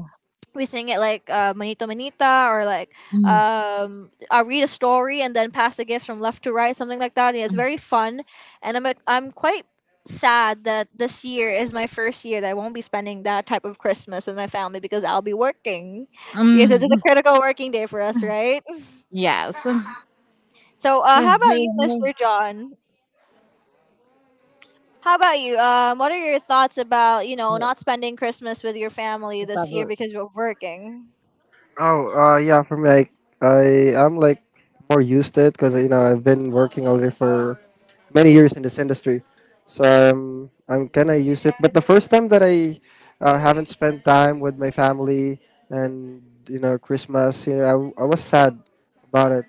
Speaker 1: we sing it like manito manita, or like
Speaker 2: mm,
Speaker 1: I read a story and then pass the gifts from left to right, something like that, and it's very fun. And I'm, like, I'm quite sad that this year is my first year that I won't be spending that type of Christmas with my family because I'll be working. Yes, it's a
Speaker 2: mm.
Speaker 1: critical working day for us, right?
Speaker 2: Yes.
Speaker 1: So, how about you, Mr. John? How about you? What are your thoughts about, you know, not spending Christmas with your family this year because we're working?
Speaker 3: Oh, yeah, for me, I am like more used to it because you know I've been working already for many years in this industry, so I'm kind of used to it. But the first time that I haven't spent time with my family and you know Christmas, you know I was sad about it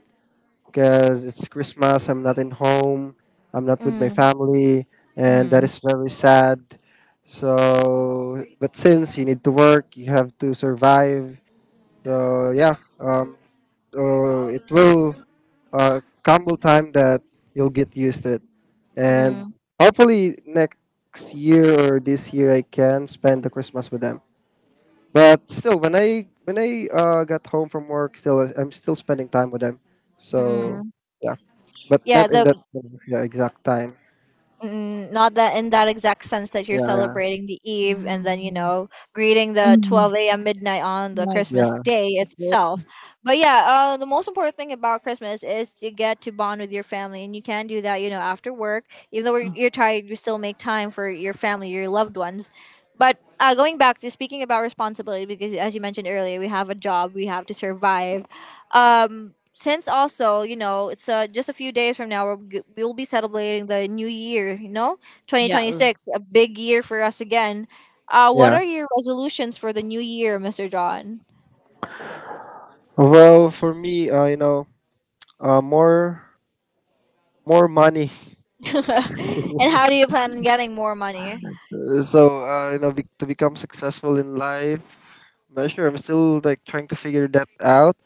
Speaker 3: because it's Christmas. I'm not in home. I'm not with my
Speaker 1: Mm,
Speaker 3: family, and that
Speaker 2: Mm.
Speaker 3: is very sad. So, but since you need to work, you have to survive. So yeah, so it will come a time that you'll get used to it, and
Speaker 1: mm,
Speaker 3: hopefully next year or this year I can spend the Christmas with them. But still, when I got home from work, still I'm still spending time with them. So
Speaker 1: mm.
Speaker 3: yeah, but
Speaker 1: Yeah,
Speaker 3: not in
Speaker 1: the
Speaker 3: that yeah, exact time.
Speaker 1: Mm, not that in that exact sense that you're
Speaker 3: Yeah, yeah,
Speaker 1: celebrating the eve
Speaker 2: Mm,
Speaker 1: and then, you know, greeting the
Speaker 2: mhm.
Speaker 1: 12 a.m midnight on the
Speaker 2: Yes,
Speaker 1: Christmas
Speaker 3: yeah,
Speaker 1: day
Speaker 2: for sure.
Speaker 1: itself. But yeah, the most important thing about Christmas is to get to bond with your family, and you can do that, you know, after work, even though we're- you're tired, you still make time for your family, your loved ones. But going back to speaking about responsibility, because as you mentioned earlier, we have a job, we have to survive. Since also, you know, it's just a few days from now, we'll be celebrating the new year, you know,
Speaker 2: Yes,
Speaker 1: 2026, a big year for us again. What
Speaker 3: yeah.
Speaker 1: are your resolutions for the new year, Mr. John?
Speaker 3: Well, for me, you know, uh, more more money.
Speaker 1: And how do you plan on getting more money?
Speaker 3: So you know, to become successful in life, not sure. I'm still like trying to figure that out,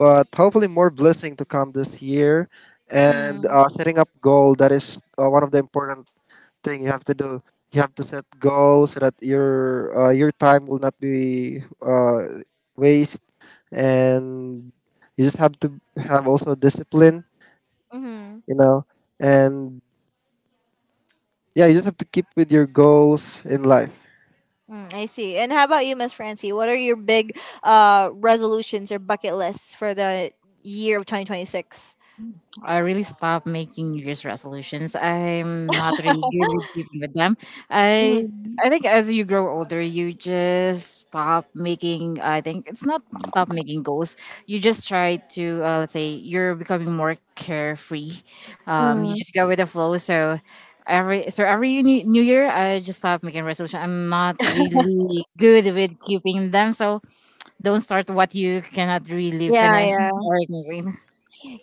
Speaker 3: but hopefully more blessing to come this year, and
Speaker 1: Mm,
Speaker 3: setting up goal. That is one of the important thing you have to do. You have to set goals so that your time will not be waste, and you just have to have also discipline,
Speaker 1: mm-hmm,
Speaker 3: you know, and yeah, you just have to keep with your goals in life.
Speaker 1: mm, I see. And how about you, Miss Francie? What are your big resolutions or bucket lists for the year of 2026?
Speaker 2: I really stopped making New Year's resolutions. I'm not really good with keeping with them. I
Speaker 1: Mm-hmm.
Speaker 2: I think as you grow older, you just stop making. I think it's not stop making goals. You just try to, let's say, you're becoming more carefree. You
Speaker 1: Mm.
Speaker 2: just go with the flow. So every new year, I just stop making resolution. I'm not really good with keeping them. So don't start what you cannot really
Speaker 1: Yeah,
Speaker 2: finish
Speaker 1: yeah.
Speaker 2: or ignore.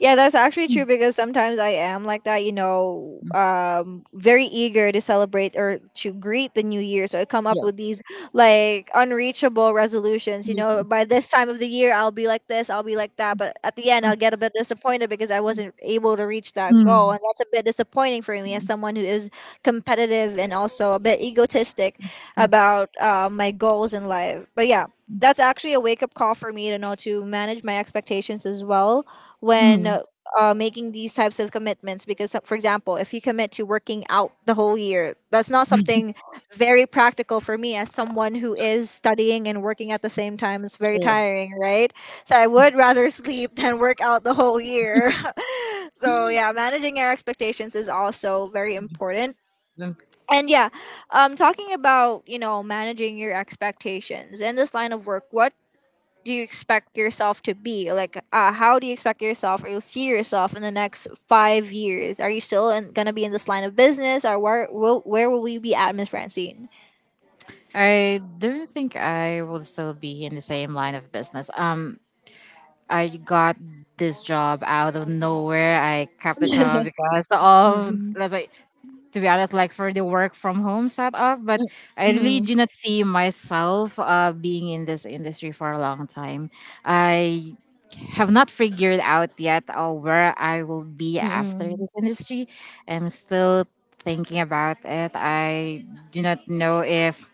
Speaker 1: Yeah, that's actually true because sometimes I am like that, you know, very eager to celebrate or to greet the new year. So I come up
Speaker 2: Yeah.
Speaker 1: with these like unreachable resolutions. You know,
Speaker 2: Please.
Speaker 1: by this time of the year, I'll be like this, I'll be like that. But at the end, I'll get a bit disappointed because I wasn't able to reach that goal. And
Speaker 2: Mm.
Speaker 1: that's a bit disappointing for me as someone who is competitive and also a bit egotistic about my goals in life. But yeah, that's actually a wake up call for me to know to manage my expectations as well when
Speaker 2: Mhm.
Speaker 1: making these types of commitments. Because, for example, if you commit to working out the whole year, that's not something very practical for me as someone who is studying and working at the same time. It's very
Speaker 2: Sure.
Speaker 1: tiring, right? So I would rather sleep than work out the whole year. So yeah, managing our expectations is also very important,
Speaker 2: Mm.
Speaker 1: and yeah, talking about, you know, managing your expectations in this line of work, what do you expect yourself to be like? How do you expect yourself, or you see yourself in the next 5 years? Are you gonna be in this line of business, or where will we be at, Miss Francine?
Speaker 2: I don't think I will still be in the same line of business. I got this job out of nowhere. I kept the job because of, let's say, to be honest, like for the work from home setup. But I really
Speaker 1: Mm,
Speaker 2: do not see myself being in this industry for a long time. I have not figured out yet where I will be after
Speaker 1: mm,
Speaker 2: this industry. I'm still thinking about it. I do not know if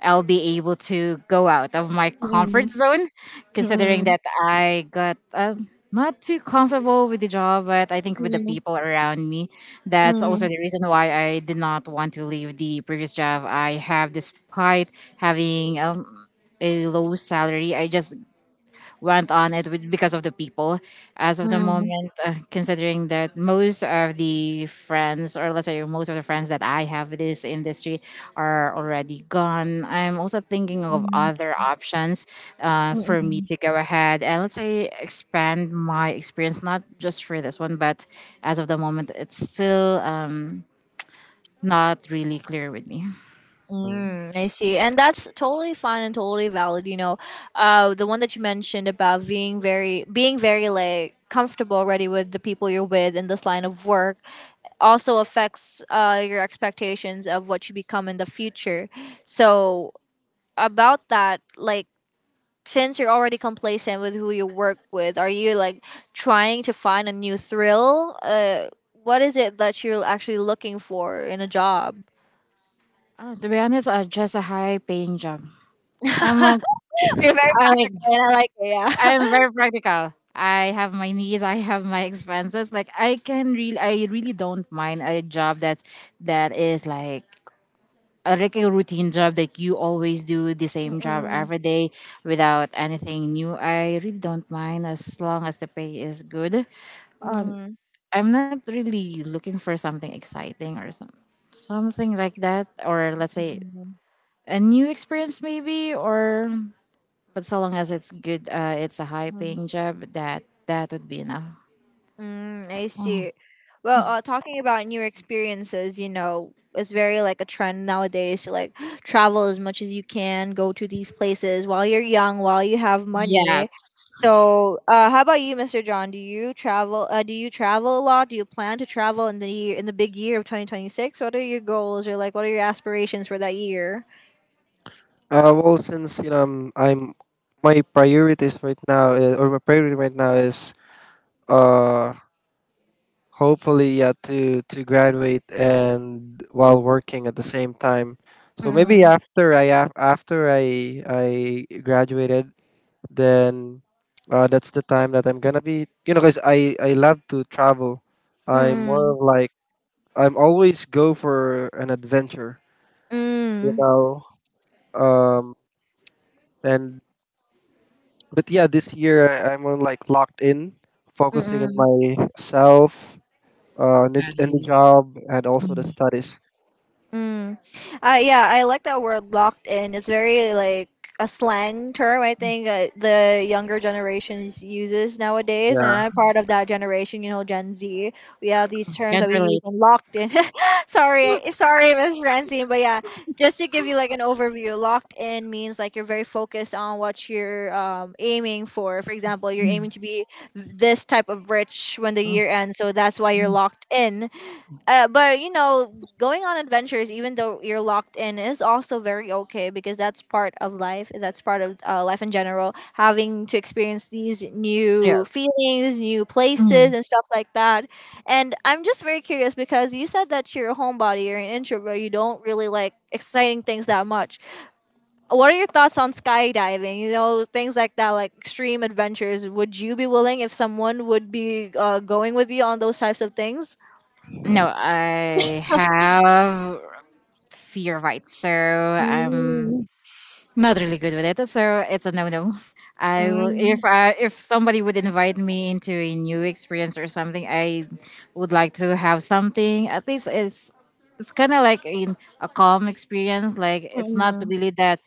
Speaker 2: I'll be able to go out of my
Speaker 1: mm,
Speaker 2: comfort zone, considering
Speaker 1: mm,
Speaker 2: that I got not too comfortable with the job, but I think with the
Speaker 1: mm,
Speaker 2: people around me. That's also
Speaker 1: mm,
Speaker 2: the reason why I did not want to leave the previous job I have, despite having a low salary. I just went on it with, because of the people, as of
Speaker 1: mm,
Speaker 2: the
Speaker 1: mm,
Speaker 2: moment, considering that most of the friends, or let's say most of the friends that I have with this industry, are already gone. I'm also thinking of
Speaker 1: mm,
Speaker 2: other options,
Speaker 1: mm,
Speaker 2: for me
Speaker 1: mm,
Speaker 2: to go ahead and, let's say, expand my experience, not just for this one. But as of the moment, it's still not really clear with me.
Speaker 3: Mm.
Speaker 1: Mm, I see. And that's totally fine and totally valid, you know. The one that you mentioned about being very like comfortable already with the people you're with in this line of work also affects your expectations of what you become in the future. So about that, like since you're already complacent with who you work with, are you like trying to find a new thrill? What is it that you're actually looking for in a job?
Speaker 2: To be honest, just a high paying job. I'm like,
Speaker 1: You're very
Speaker 2: I,
Speaker 1: practical, and I like it. Yeah.
Speaker 2: I'm very practical. I have my needs. I have my expenses. Like I can really, I really don't mind a job that's that is like a regular routine job, that you always do the same job
Speaker 1: Mm,
Speaker 2: every day without anything new. I really don't mind, as long as the pay is good. Um,
Speaker 1: mm,
Speaker 2: I'm not really looking for something exciting, or some something like that, or let's say,
Speaker 1: mm,
Speaker 2: a new experience, maybe, or but so long as it's good, it's a high
Speaker 1: mm,
Speaker 2: paying job, that that would be enough.
Speaker 1: mm, I see. Well, talking about new experiences, you know, it's very like a trend nowadays to like travel as much as you can, go to these places while you're young, while you have money.
Speaker 2: Yes.
Speaker 1: So, how about you, Mr. John? Do you travel? Do you travel a lot? Do you plan to travel in the big year of 2026? What are your goals or like what are your aspirations for that year?
Speaker 3: Well, since you know I'm my priorities right now, is, or my priority right now is uh hopefully yeah to graduate and while working at the same time. So maybe
Speaker 1: Mm,
Speaker 3: after I graduated, then that's the time that I'm gonna be, you know, because I love to travel. I'm more
Speaker 1: mm,
Speaker 3: of like I'm always go for an adventure, you
Speaker 1: mm,
Speaker 3: know. um and but yeah, this year I'm on like locked in,
Speaker 1: mm,
Speaker 3: focusing on
Speaker 1: mm.
Speaker 3: myself and the job and also the studies.
Speaker 1: Mm. Yeah, I like that word locked in. It's very like a slang term, I think, the younger generations uses nowadays. And
Speaker 3: Yeah.
Speaker 1: I'm part of that generation, you know, Gen Z. We have these terms that
Speaker 2: Can't
Speaker 1: we use
Speaker 2: relate.
Speaker 1: and locked in. Sorry, sorry, Miss Francine. But yeah, just to give you like an overview, locked in means like you're very focused on what you're aiming for. For example, you're aiming to be this type of rich when the year ends. So that's why you're locked in. But, you know, going on adventures, even though you're locked in, is also very okay because that's part of life. That's part of life in general. Having to experience these
Speaker 2: Yeah.
Speaker 1: new feelings, new places,
Speaker 2: Mhm.
Speaker 1: and stuff like that. And I'm just very curious because you said that you're a homebody, you're an introvert, you don't really like exciting things that much. What are your thoughts on skydiving? You know, things like that, like extreme adventures. Would you be willing if someone would be going with you on those types of things?
Speaker 2: No, I have fear of heights, so I'm not really good with it, so it's a no no. I will if,
Speaker 1: Mm,
Speaker 2: I if somebody would invite me into a new experience or something, I would like to have something. At least it's kind of like in a calm experience. Like it's not
Speaker 1: mm,
Speaker 2: really that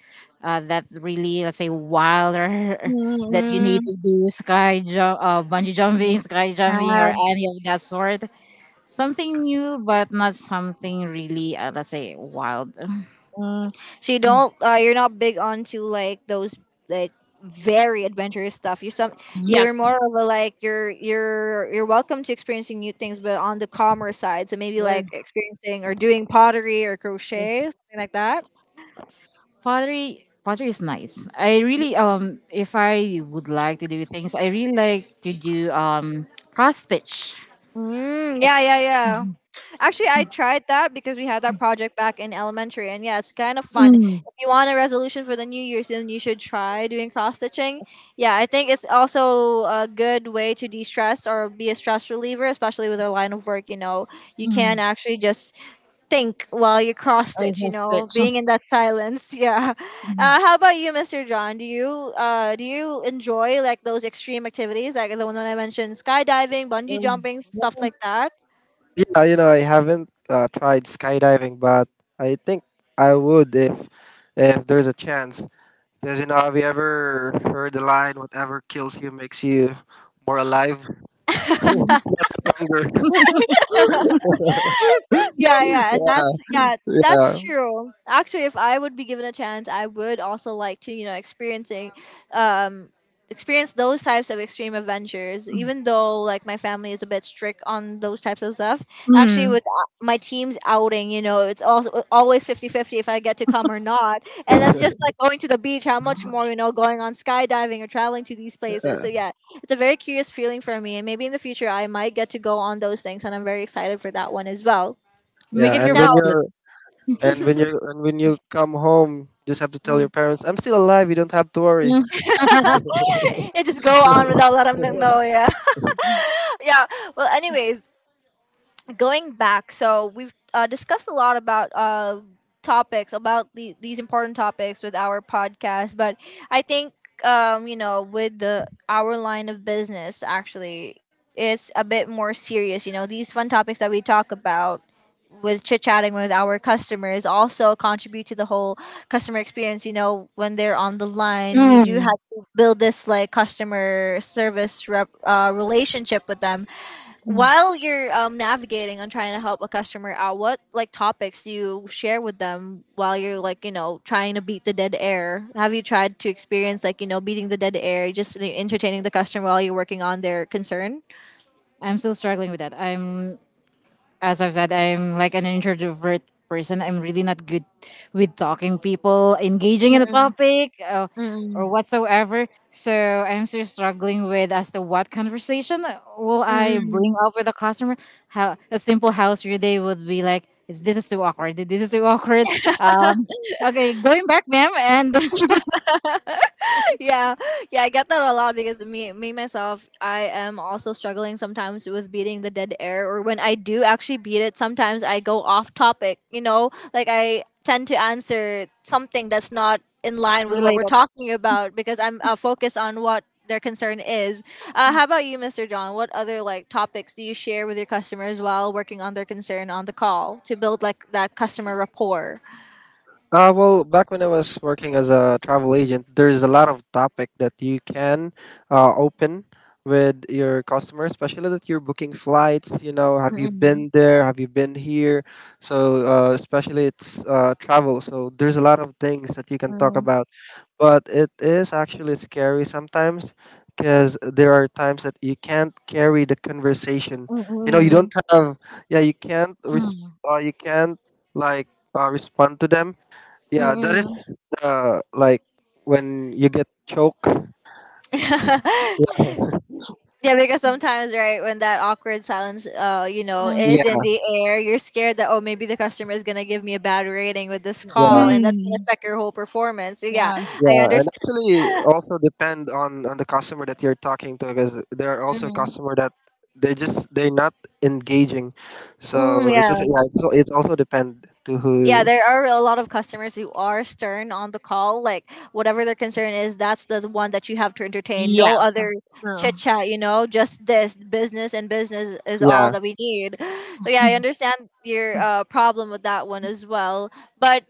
Speaker 2: that really, let's say, wild, or
Speaker 1: mm,
Speaker 2: that you need
Speaker 1: mm.
Speaker 2: to do sky jump, bungee jumping,
Speaker 1: Mm.
Speaker 2: sky jumping, or
Speaker 1: Ah,
Speaker 2: any of that sort. Something new, but not something really, let's say, wild.
Speaker 1: mm. So you're not big onto like those like very adventurous stuff. You're some
Speaker 2: Yes.
Speaker 1: you're more of a like you're welcome to experiencing new things but on the calmer side. So maybe like experiencing or doing pottery or crochet, something like that.
Speaker 2: Pottery is nice. I really if I would like to do things, I really like to do cross stitch.
Speaker 1: Mm, yeah,
Speaker 2: It's
Speaker 1: yeah, yeah.
Speaker 2: mm,
Speaker 1: Actually, I tried that because we had that project back in elementary, and yeah, it's kind of fun.
Speaker 2: mm.
Speaker 1: If you want a resolution for the New Year's, then you should try doing cross stitching. Yeah, I think it's also a good way to de stress or be a stress reliever, especially with our line of work. You know, you can
Speaker 2: Mm.
Speaker 1: actually just think while you cross
Speaker 2: Oh, yeah,
Speaker 1: stitch. You
Speaker 2: cross
Speaker 1: know,
Speaker 2: stitch.
Speaker 1: being in that silence. Yeah. How about you, Mister John? Do you enjoy like those extreme activities, like the one that I mentioned, skydiving, bungee jumping, stuff like that?
Speaker 3: Yeah, you know, I haven't tried skydiving, but I think I would if there's a chance. Because you know, have you ever heard the line, "Whatever kills you makes you more alive, stronger."
Speaker 1: Yeah, yeah, and that's
Speaker 3: Yeah,
Speaker 1: true. Actually, if I would be given a chance, I would also like to um, experience those types of extreme adventures. Even though like my family is a bit strict on those types of stuff. Actually,
Speaker 2: Mm.
Speaker 1: with my team's outing, you know, it's also always 50-50 if I get to come or not, and that's just like going to the beach. How much more you know going on skydiving or traveling to these places?
Speaker 3: yeah,
Speaker 1: So yeah, it's a very curious feeling for me, and maybe in the future I might get to go on those things, and I'm very excited for that one as well.
Speaker 2: Make it
Speaker 3: yeah. And
Speaker 2: your
Speaker 1: No.
Speaker 3: when
Speaker 2: bucket
Speaker 3: you're
Speaker 2: list.
Speaker 3: and when you come home, just have to tell your
Speaker 1: Mm.
Speaker 3: parents, "I'm still alive. You don't have to
Speaker 2: Mm.
Speaker 3: worry."
Speaker 1: You just go on without letting them know. Yeah. Yeah. Well, anyways, going back, so we've discussed a lot about these important topics with our podcast, but I think, you know, with our line of business, actually, it's a bit more serious. You know, these fun topics that we talk about with chit chatting with our customers also contribute to the whole customer experience. You know, when they're on the line, we do
Speaker 2: Mm.
Speaker 1: have to build this like customer service rep, relationship with them.
Speaker 2: Mm.
Speaker 1: While you're navigating and trying to help a customer out, what like topics do you share with them while you're like trying to beat the dead air? Have you tried to experience like beating the dead air, just like entertaining the customer while you're working on their concern?
Speaker 2: I'm still struggling with that. I'm, as I've said, I'm like an introvert person. I'm really not good with talking people, engaging in a topic,
Speaker 1: Mm-mm.
Speaker 2: or whatsoever. So I'm still struggling with as to what conversation will I bring
Speaker 1: Mm-mm.
Speaker 2: up with a customer. How a simple house your day would be like. Is this is too awkward? This is too awkward. Um, okay, going back, ma'am, and
Speaker 1: Yeah, yeah I get that a lot because me me myself, I am also struggling sometimes with beating the dead air, or when I do actually beat it, sometimes I go off topic, you know, like I tend to answer something that's not in line with what we're
Speaker 2: related.
Speaker 1: talking about because I'm focused on what their concern is. How about you, Mr. John? What other like topics do you share with your customers while working on their concern on the call to build like that customer rapport?
Speaker 3: Well, back when I was working as a travel agent, there's a lot of topic that you can open with your customer, especially that you're booking flights. You know, have you
Speaker 1: Mm-mm.
Speaker 3: been there? Have you been here? So, especially it's travel. So there's a lot of things that you can talk
Speaker 1: Mm.
Speaker 3: about, but it is actually scary sometimes because there are times that you can't carry the conversation. You know, you don't
Speaker 1: Mm-mm.
Speaker 3: have. Yeah, you can't.
Speaker 2: Mm.
Speaker 3: You can't like respond to them. Yeah, that
Speaker 1: Mm.
Speaker 3: is like when you get choke.
Speaker 1: Mm.
Speaker 3: Yeah,
Speaker 1: Yeah, because sometimes, right, when that awkward silence, you know,
Speaker 2: Um,
Speaker 3: yeah,
Speaker 1: is in the air, you're scared that oh, maybe the customer is gonna give me a bad rating with this call,
Speaker 3: yeah,
Speaker 1: and that's gonna
Speaker 2: mm.
Speaker 1: affect your whole performance. So,
Speaker 2: So
Speaker 1: yeah,
Speaker 2: on.
Speaker 1: I
Speaker 3: yeah. And
Speaker 1: understand.
Speaker 3: actually, also depend on the customer that you're talking to, because there are also
Speaker 1: Mhm.
Speaker 3: customer that they just they're not engaging.
Speaker 1: Mm,
Speaker 3: So it's also,
Speaker 1: yeah.
Speaker 3: yeah, it's also depend to
Speaker 1: Yeah,
Speaker 3: who.
Speaker 1: there are a lot of customers who are stern on the call, like whatever their concern is, that's the one that you have to entertain. No
Speaker 2: Yes,
Speaker 1: other chit chat, you know, just this business and business is all
Speaker 3: Yeah,
Speaker 1: that we need. So yeah, I understand your problem with that one as well. But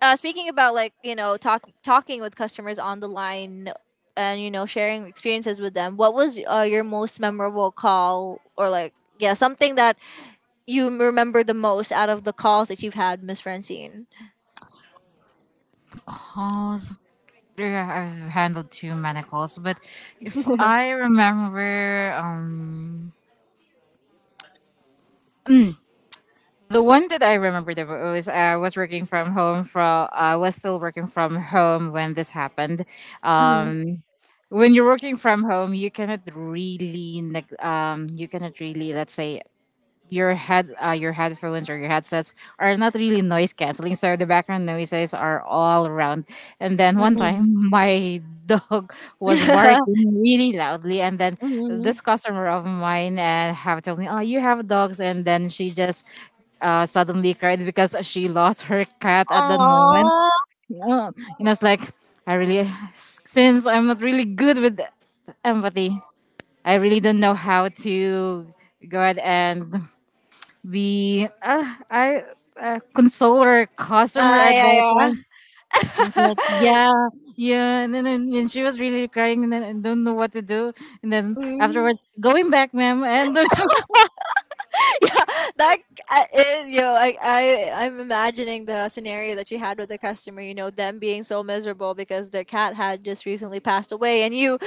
Speaker 1: speaking about like talking with customers on the line and you know sharing experiences with them, what was your most memorable call, or like yeah something that you remember the most out of the calls that you've had, Miss Francine?
Speaker 2: true. Yeah, I've handled two manacles, but if I remember, the one that I remember that was I was working from home from I was still working from home when this happened.
Speaker 1: Mm-hmm.
Speaker 2: Um, when you're working from home, you cannot really you cannot really, let's say, your head your headphones or your headsets are not really noise canceling, so the background noises are all around. And then one time, my dog was barking really loudly, and then
Speaker 1: Hmm.
Speaker 2: this customer of mine have told me, oh, you have dogs, and then she just suddenly cried because she lost her cat at that moment.
Speaker 1: Aww.
Speaker 2: Oh, and I was like, I really, since I'm not really good with empathy, I really don't know how to go ahead and we I console her customer
Speaker 1: Ah,
Speaker 2: at
Speaker 1: yeah,
Speaker 2: that
Speaker 1: yeah.
Speaker 2: time. I was like, yeah, yeah, and then and she was really crying, and then I don't know what to do. And then afterwards,
Speaker 1: Mhm.
Speaker 2: going back, ma'am, and
Speaker 1: Yeah, that is, you know, I'm imagining the scenario that you had with the customer, you know, them being so miserable because their cat had just recently passed away, and you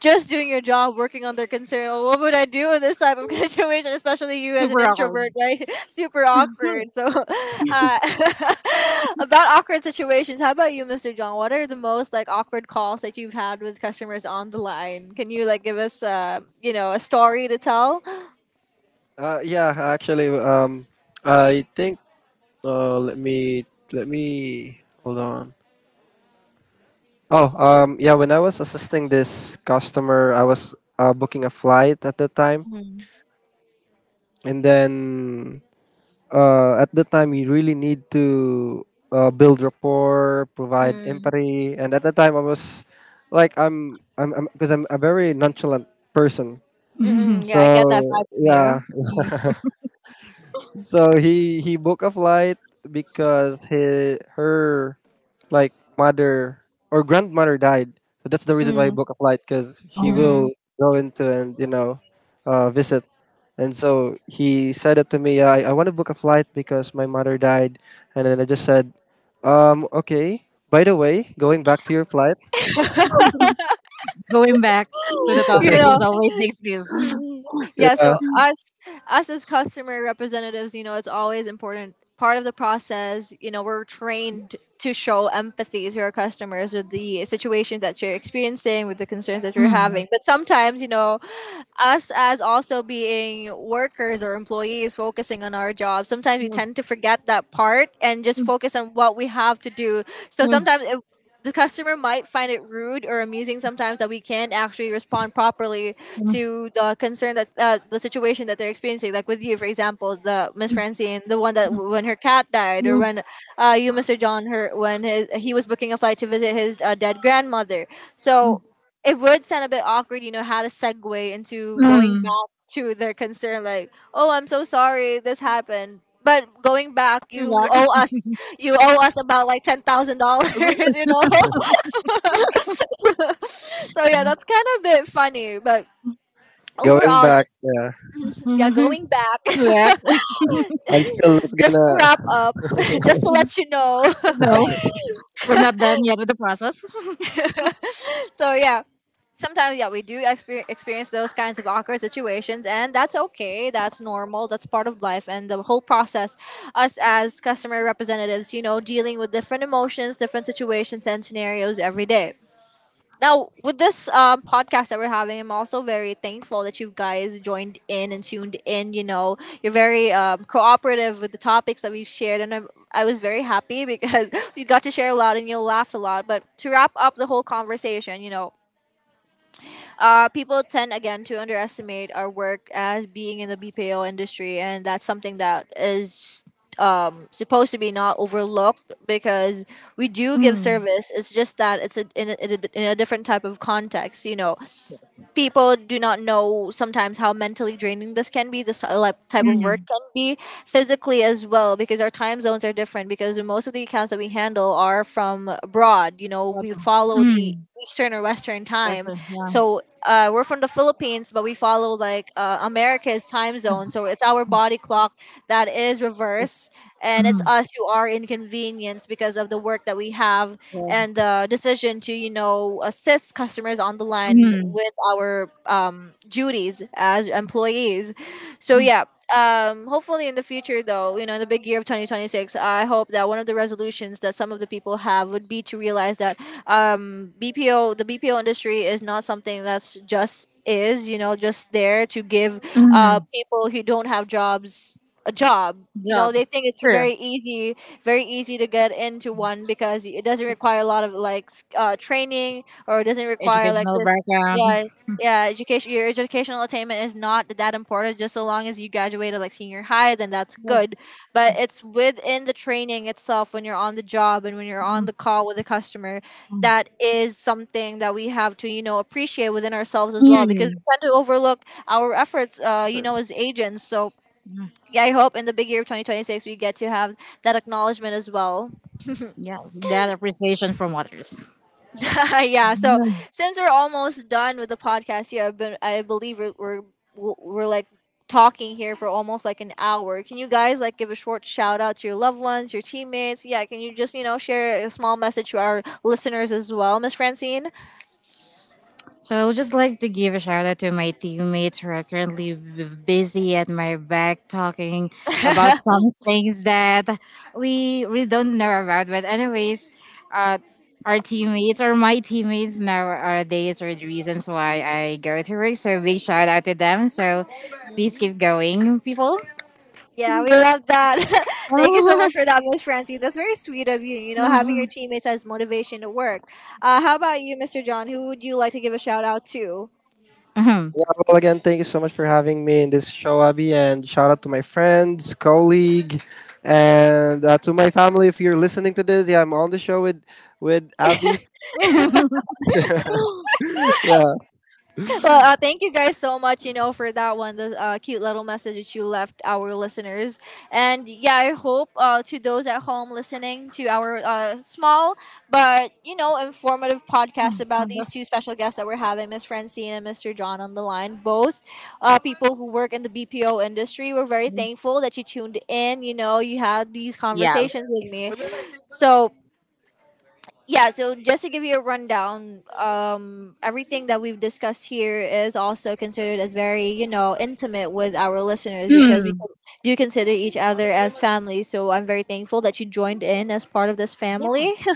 Speaker 1: just doing your job, working on their concern. "Oh, what would I do in this type of situation, especially you as an
Speaker 2: super awkward.
Speaker 1: introvert, right? Super awkward." So, uh, about awkward situations, how about you, Mr. John? What are the most like awkward calls that you've had with customers on the line? Can you like give us, you know, a story to tell?
Speaker 3: yeah. Actually, I think uh, let me let me hold on. Oh, yeah. When I was assisting this customer, I was booking a flight at the time,
Speaker 1: Mm,
Speaker 3: and then at the time you really need to build rapport, provide
Speaker 1: mm,
Speaker 3: empathy, and at that time I was like 'cause I'm a very nonchalant person.
Speaker 1: mm, mm.
Speaker 3: So
Speaker 1: Yeah, I get that vibe from
Speaker 3: yeah,
Speaker 1: you.
Speaker 3: so he booked a flight because he her like mother or grandmother died. So that's the reason
Speaker 1: Mm,
Speaker 3: why he
Speaker 1: mm,
Speaker 3: booked a flight because she
Speaker 1: mm.
Speaker 2: Oh,
Speaker 3: will go into and you know visit. And so he said it to me, "Yeah, I want to book a flight because my mother died." And then I just said, "Okay, by the way, going back to your flight."
Speaker 2: going back to the
Speaker 1: You
Speaker 2: topic
Speaker 1: know,
Speaker 2: is always the excuse.
Speaker 1: mm-mm. Yeah,
Speaker 3: Yeah,
Speaker 1: so us as customer representatives, you know, it's always important part of the process, you know, we're trained to show empathy to our customers with the situations that you're experiencing, with the concerns that you're
Speaker 2: Mm,
Speaker 1: having. But sometimes, you know, us as also being workers or employees focusing on our job, sometimes we
Speaker 2: yes.
Speaker 1: tend to forget that part and just focus on what we have to do. So
Speaker 2: Mm,
Speaker 1: sometimes it the customer might find it rude or amusing sometimes that we can't actually respond properly
Speaker 2: mm,
Speaker 1: to the situation that they're experiencing. Like with you, for example, the Miss Francine, the one that when her cat died, or
Speaker 2: mm,
Speaker 1: when you, Mr. John, he was booking a flight to visit his dead grandmother.
Speaker 2: mm,
Speaker 1: So it would sound a bit awkward, you know, how to segue into going back
Speaker 2: mm.
Speaker 1: to their concern, like, "Oh, I'm so sorry this happened. But going back,
Speaker 2: Back,
Speaker 1: you owe us about like $10,000," you know. So yeah, that's kind of a bit funny, but
Speaker 3: going
Speaker 1: overall,
Speaker 3: back.
Speaker 1: just
Speaker 3: Yeah.
Speaker 1: yeah, going back,
Speaker 2: back.
Speaker 3: I'm still not
Speaker 1: just to wrap
Speaker 3: gonna.
Speaker 1: up, just to let you know.
Speaker 2: No, we're not done yet with the process.
Speaker 1: So yeah. Sometimes, yeah, we do experience those kinds of awkward situations, and that's okay. That's normal. That's part of life. And the whole process, us as customer representatives, you know, dealing with different emotions, different situations, and scenarios every day. Now, with this podcast that we're having, I'm also very thankful that you guys joined in and tuned in. You know, you're very cooperative with the topics that we've shared, and I was very happy because we got to share a lot and you'll laugh a lot. But to wrap up the whole conversation, you know, people tend again to underestimate our work as being in the BPO industry, and that's something that is supposed to be not overlooked because we do give
Speaker 2: Mm.
Speaker 1: service. It's just that it's a, in, a, in a in a different type of context. You know, people do not know sometimes how mentally draining this can be, this type of work can be, physically as well, because our time zones are different, because most of the accounts that we handle are from abroad. You know,
Speaker 2: Are
Speaker 1: we
Speaker 2: done.
Speaker 1: follow the
Speaker 2: Mm.
Speaker 1: eastern or western
Speaker 2: Yes,
Speaker 1: time.
Speaker 2: sir. Yeah.
Speaker 1: So we're from the Philippines, but we follow like America's time zone, so it's our body clock that is reverse, and it's
Speaker 2: Mm.
Speaker 1: us who are inconvenienced because of the work that we have
Speaker 2: Yeah.
Speaker 1: and the decision to you know assist customers on the line
Speaker 2: Mm.
Speaker 1: with our duties as employees. So yeah, hopefully in the future, though, you know, in the big year of 2026, I hope that one of the resolutions that some of the people have would be to realize that, bpo the BPO industry is not something that's just is you know just there to give
Speaker 2: Mm,
Speaker 1: people who don't have jobs a job. You know,
Speaker 2: job,
Speaker 1: they think it's
Speaker 2: true.
Speaker 1: very easy, very easy to get into one because it doesn't require a lot of like training, or it doesn't require like
Speaker 2: Educational
Speaker 1: this.
Speaker 2: background.
Speaker 1: Yeah, yeah. Education, your educational attainment is not that important. Just so long as you graduated like senior high, then that's good. But it's within the training itself, when you're on the job and when you're on the call with a customer, that is something that we have to you know appreciate within ourselves as well, because
Speaker 2: Mm,
Speaker 1: we tend to overlook our efforts, you know, as agents. So yeah, I hope in the big year of 2026 we get to have that acknowledgement as well.
Speaker 2: yeah, that appreciation from others.
Speaker 1: Yeah. So
Speaker 2: Yeah.
Speaker 1: since we're almost done with the podcast here, I believe we're like talking here for almost like an hour. Can you guys like give a short shout out to your loved ones, your teammates? Yeah. Can you just you know share a small message to our listeners as well, Miss Francine?
Speaker 2: So I would just like to give a shout out to my teammates who are currently busy at my back talking about some things that we don't know about. But anyways, uh, our teammates or my teammates nowadays are the reasons why I go to work. So big shout out to them. So please keep going, people.
Speaker 1: Yeah, we love that. Thank you so much for that, Miss Francie. That's very sweet of you, you know, having your teammates as motivation to work. How about you, Mr. John? Who would you like to give a shout out to?
Speaker 2: Mhm.
Speaker 3: Yeah, well, again, thank you so much for having me in this show, Abby. And shout out to my friends, colleague, and to my family. If you're listening to this, yeah, I'm on the show with Abby. Yeah.
Speaker 1: Well, thank you guys so much, you know, for that one, the cute little message that you left our listeners. And yeah, I hope to those at home listening to our small but, you know, informative podcast about these two special guests that we're having, Miss Francine and Mr. John on the line, both people who work in the BPO industry. We're very thankful that you tuned in, you know, you had these
Speaker 2: Yes.
Speaker 1: conversations with me. So yeah, so just to give you a rundown, everything that we've discussed here is also considered as very you know intimate with our listeners, because we
Speaker 2: Mm.
Speaker 1: do consider each other as family, so I'm very thankful that you joined in as part of this family.
Speaker 2: Yes.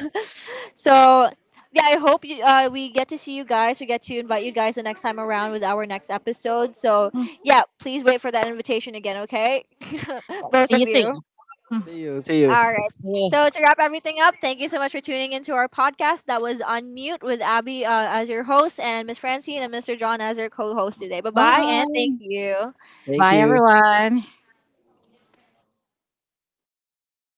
Speaker 1: So yeah, I hope we get to see you guys, we get to invite you guys the next time around with our next episode. So yeah, please wait for that invitation again, okay? Both
Speaker 2: See
Speaker 1: of
Speaker 2: you
Speaker 1: you.
Speaker 2: soon.
Speaker 3: See you. See you.
Speaker 1: All right.
Speaker 2: Yeah.
Speaker 1: So to wrap everything up, thank you so much for tuning into our podcast. That was Unmute with Abby as your host and Miss Francine and Mr. John as your co-host today. Bye bye and thank
Speaker 2: Bye.
Speaker 1: you.
Speaker 3: Thank
Speaker 2: Bye,
Speaker 3: you.
Speaker 2: everyone.